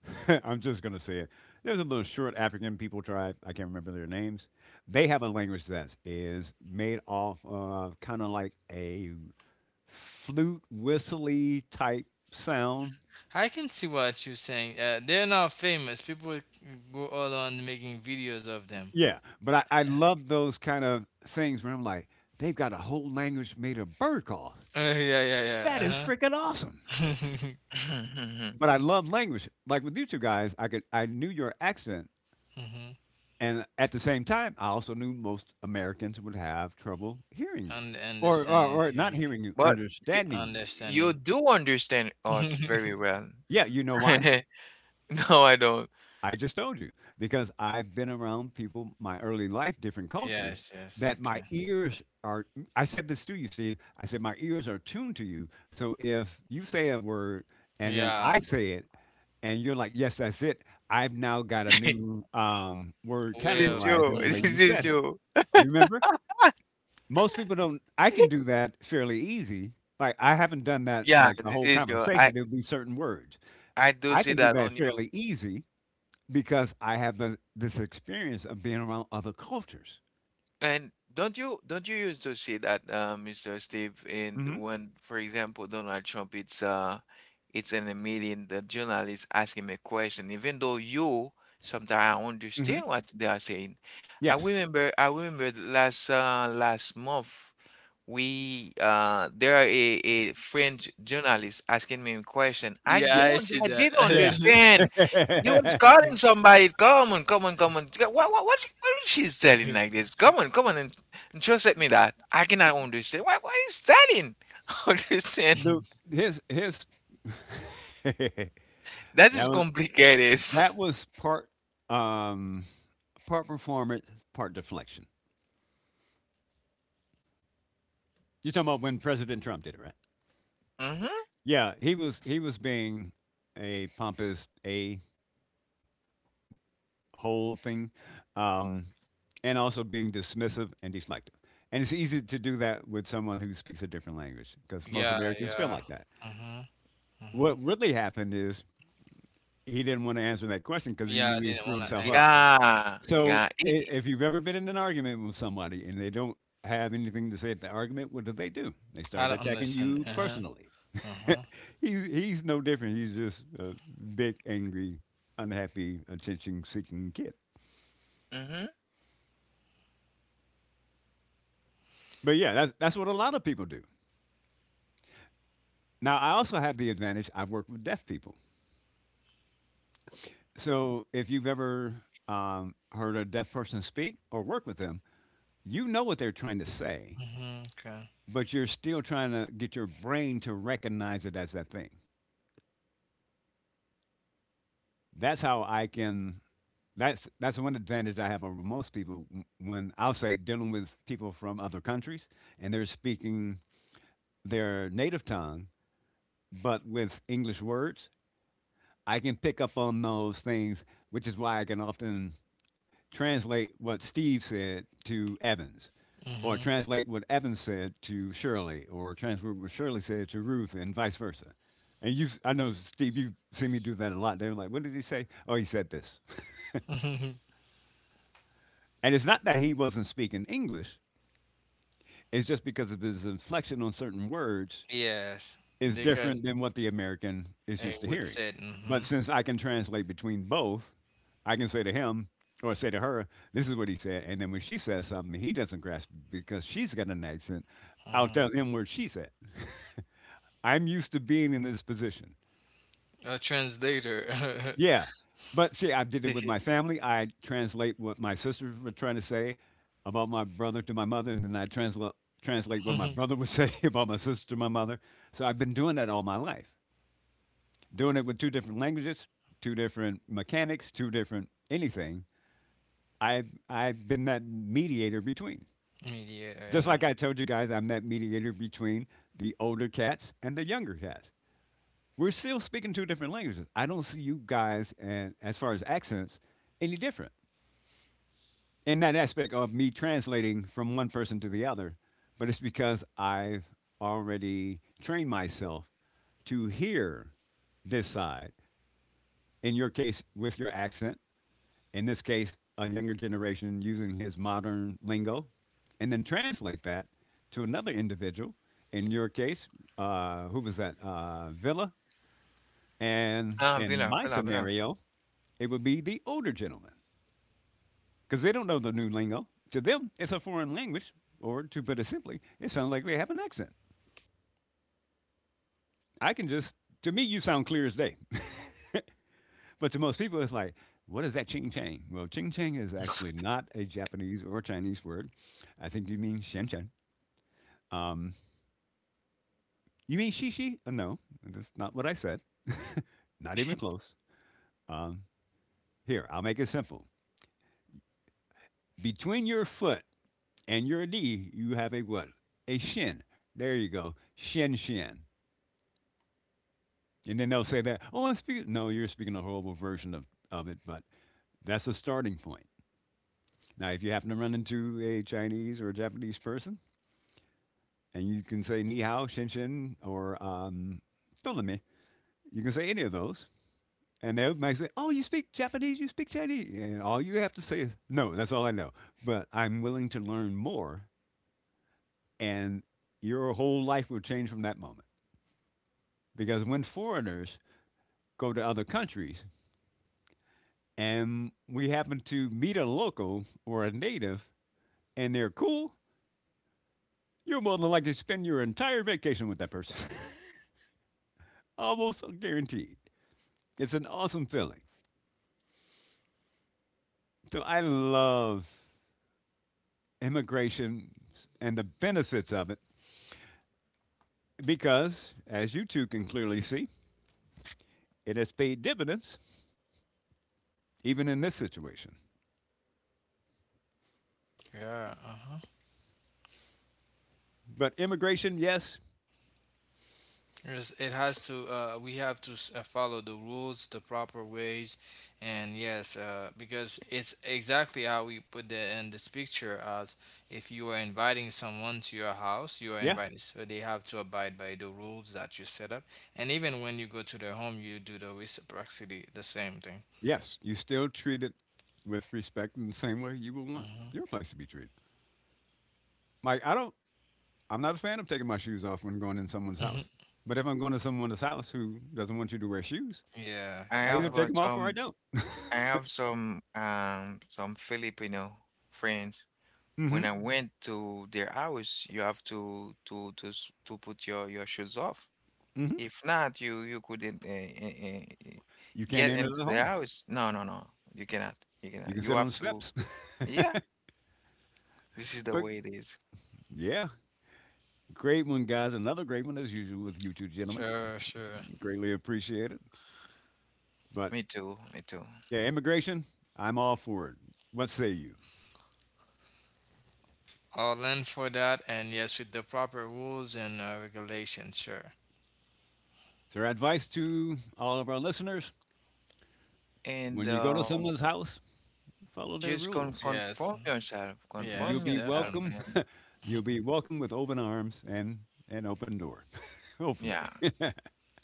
C: I'm just gonna say it. There's a little short African people tribe. I can't remember their names. They have a language that is made off of kind of like a flute whistly type sound.
B: I can see what you're saying. They're not famous. People go all on making videos of them.
C: Yeah. But I love those kind of things where I'm like, they've got a whole language made of bird calls.
B: Yeah yeah yeah.
C: That is freaking awesome.
B: Uh-huh.
C: But I love language. Like with you two guys, I knew your accent,
B: Mm-hmm.
C: and at the same time I also knew most Americans would have trouble hearing you.
B: Und-
C: Or or,
B: understanding
C: or not
B: here.
C: hearing you,
A: But you
C: understanding you.
A: you
B: Understanding.
A: do understand us very well.
C: Yeah, you know why?
A: No, I don't.
C: I just told you, because I've been around people my early life, different cultures,
B: Yes, yes,
C: that my
B: okay.
C: ears are. I said this to you, Steve. I said my ears are tuned to you. So if you say a word and then I
B: Yeah.
C: say it, and you're like, "Yes, that's it," I've now got a new word
A: This
B: Well.
A: is you.
C: categorized in the way
A: This
C: you
A: is
C: said it.
A: you.
C: You remember? Most people don't. I can do that fairly easy. Like I haven't done that
A: Yeah,
C: like the
A: this
C: whole
A: is your I
C: conversation. There'll be certain words
A: I do
C: I
A: see
C: can do
A: that
C: that
A: on you.
C: fairly easy because I have the, this experience of being around other cultures.
A: And don't you used to see that, Mr. Steve, in
C: Hmm.
A: when, for example, Donald Trump, it's in a meeting, the journalist ask him a question, even though you sometimes
C: Hmm.
A: understand what they are saying. I
C: Yes,
A: remember I remember the last month. We there are a French journalist asking me a question.
B: Yeah, I
C: yes,
B: see
A: I
B: that.
A: did understand. You was calling somebody, come on, come on, come on. What is she's telling like this? Come on, come on, and just let me that. I cannot understand. What is telling? Understand?
C: the his that
A: That is
C: was
A: complicated.
C: that was part um part performance, part deflection. You're talking about when President Trump did it, right?
A: Mm-hmm.
C: Yeah, he was being a pompous a whole thing, um, and also being dismissive and deflective. And it's easy to do that with someone who speaks a different language because most
B: Yeah,
C: Americans feel
B: yeah.
C: like that.
B: Mm-hmm. Mm-hmm.
C: What really happened is he didn't want to answer that question because he
B: Yeah,
C: knew
B: I
C: he'd
B: didn't
C: screw
B: want to
C: himself up.
B: answer.
A: Yeah,
C: So
A: yeah.
C: i- if you've ever been in an argument with somebody and they don't have anything to say at the argument, what do? They
B: I
C: start
B: don't
C: attacking
B: understand. It.
C: you
B: Uh-huh.
C: personally.
B: Uh-huh.
C: He's no different. He's just a big, angry, unhappy, attention-seeking kid.
A: Mm-hmm.
C: But yeah, that's what a lot of people do. Now, I also have the advantage I've worked with deaf people. So if you've ever heard a deaf person speak or work with them, you know what they're trying to say,
B: Mm-hmm. Okay.
C: but you're still trying to get your brain to recognize it as that thing. That's how I can. That's one advantage I have over most people when I'll say dealing with people from other countries and they're speaking their native tongue, but with English words. I can pick up on those things, which is why I can often translate what Steve said to Evans, or translate what Evans said to Shirley, or translate what Shirley said to Ruth, and vice versa. And you, I know Steve, you've seen me do that a lot. They were like, "What did he say?" Oh, he said this.
B: Mm-hmm.
C: And it's not that he wasn't speaking English; it's just because of his inflection on certain words,
B: Yes.
C: is different
B: Because
C: than what the American is
B: I
C: used to
B: would
C: hearing.
B: said
C: But
B: mm-hmm.
C: since I can translate between both, I can say to him or say to her, "This is what he said," and then when she says something he doesn't grasp because she's got an accent, I'll
B: Mm-hmm.
C: tell him what she said. I'm used to being in this position.
B: A translator.
C: Yeah. But see, I did it with my family. I translate what my sisters were trying to say about my brother to my mother, and then I translate what my brother would say about my sister to my mother. So I've been doing that all my life, doing it with two different languages, two different mechanics, two different anything. I've been that mediator between.
B: Mediator,
C: Just
B: yeah.
C: like I told you guys, I'm that mediator between the older cats and the younger cats. We're still speaking two different languages. I don't see you guys, and as far as accents, any different in that aspect of me translating from one person to the other. But it's because I've already trained myself to hear this side. In your case, with your accent, in this case, a younger generation using his modern lingo, and then translate that to another individual. In your case, who was that? Villa. And
A: Ah,
C: in
A: Villa,
C: my
A: Villa, Villa.
C: scenario, it would be the older gentleman because they don't know the new lingo. To them, it's a foreign language, or to put it simply, it sounds like they have an accent. I can just, to me, you sound clear as day. but to most people, it's like, what is that ching chang? Well, ching chang is actually not a Japanese or Chinese word. I think you mean shen shen. Um, you mean shishi? No, that's not what I said. not even close. Um, here, I'll make it simple. Between your foot and your knee, you have a what? A shin. There you go. Shin shin. And then they'll say that, oh, I'm speaking. No, you're speaking a horrible version of it, but that's a starting point. Now, if you happen to run into a Chinese or a Japanese person, and you can say ni hao, shin shin, or me, you can say any of those. And they might say, "Oh, you speak Japanese, you speak Chinese," and all you have to say is, "No, that's all I know." But I'm willing to learn more, and your whole life will change from that moment. Because when foreigners go to other countries and we happen to meet a local or a native, and they're cool, you're more than likely to spend your entire vacation with that person, almost guaranteed. It's an awesome feeling. So I love immigration and the benefits of it. Because, as you two can clearly see, it has paid dividends even in this situation.
B: Yeah. Uh-huh.
C: But immigration, yes,
B: Yes, it has to. We have to follow the rules the proper ways, and yes, because it's exactly how we put it in this picture. As if you are inviting someone to your house, you are
C: yeah,
B: invited, so they have to abide by the rules that you set up. And even when you go to their home, you do the reciprocity, the same thing.
C: yes, you still treat it with respect in the same way you would want
B: Hmm.
C: your place to be treated. Like I don't, I'm not a fan of taking my shoes off when going in someone's house. But if I'm going to someone's house who doesn't want you to wear shoes,
B: Yeah,
A: I
B: you
C: I
A: have
C: either
B: have.
A: uh,
C: take them off or
A: some
C: I don't.
A: I have some Filipino friends. When
C: mm-hmm.
A: I went to their house, you have to put your shoes off.
C: Mm-hmm.
A: If not, you couldn't
C: You
A: get
C: can't enter
A: into
C: the
A: the
C: home.
A: house. No, no, no. You cannot. You
C: You
A: cannot.
C: can
A: You
C: sit on
A: have
C: the
A: to.
C: steps.
A: Yeah, this is the
C: but
A: way it is.
C: yeah, great one, guys. Another great one as usual with you two gentlemen.
B: Sure, sure.
C: Greatly appreciated. But
A: Me too. Me too.
C: yeah, immigration, I'm all for it. What say you?
B: All in for that, and yes, with the proper rules and regulations. Sure.
C: So, our advice to all of our listeners,
A: And
C: when you go to someone's house, follow their
A: just con
C: rules.
A: conform
B: Yes,
A: yourself.
C: You'll
A: Conform
B: yes,
C: be
A: yourself.
C: welcome.
B: definitely.
A: And
C: You'll be welcome with open arms and an open door, hopefully.
A: yeah,
C: all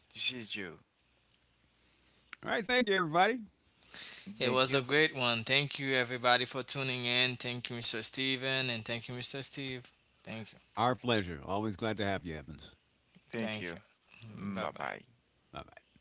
A: this is you.
C: right. Thank you, everybody.
B: It
A: Thank
B: was
A: you.
B: a great one. Thank you, everybody, for tuning in. Thank you, Mr. Steven, and thank you, Mr. Steve. Thank you.
C: Our pleasure. Always glad to have you, Evans.
A: Thank you.
B: Thank you.
A: Bye
B: Bye
A: bye.
B: bye.
C: Bye bye.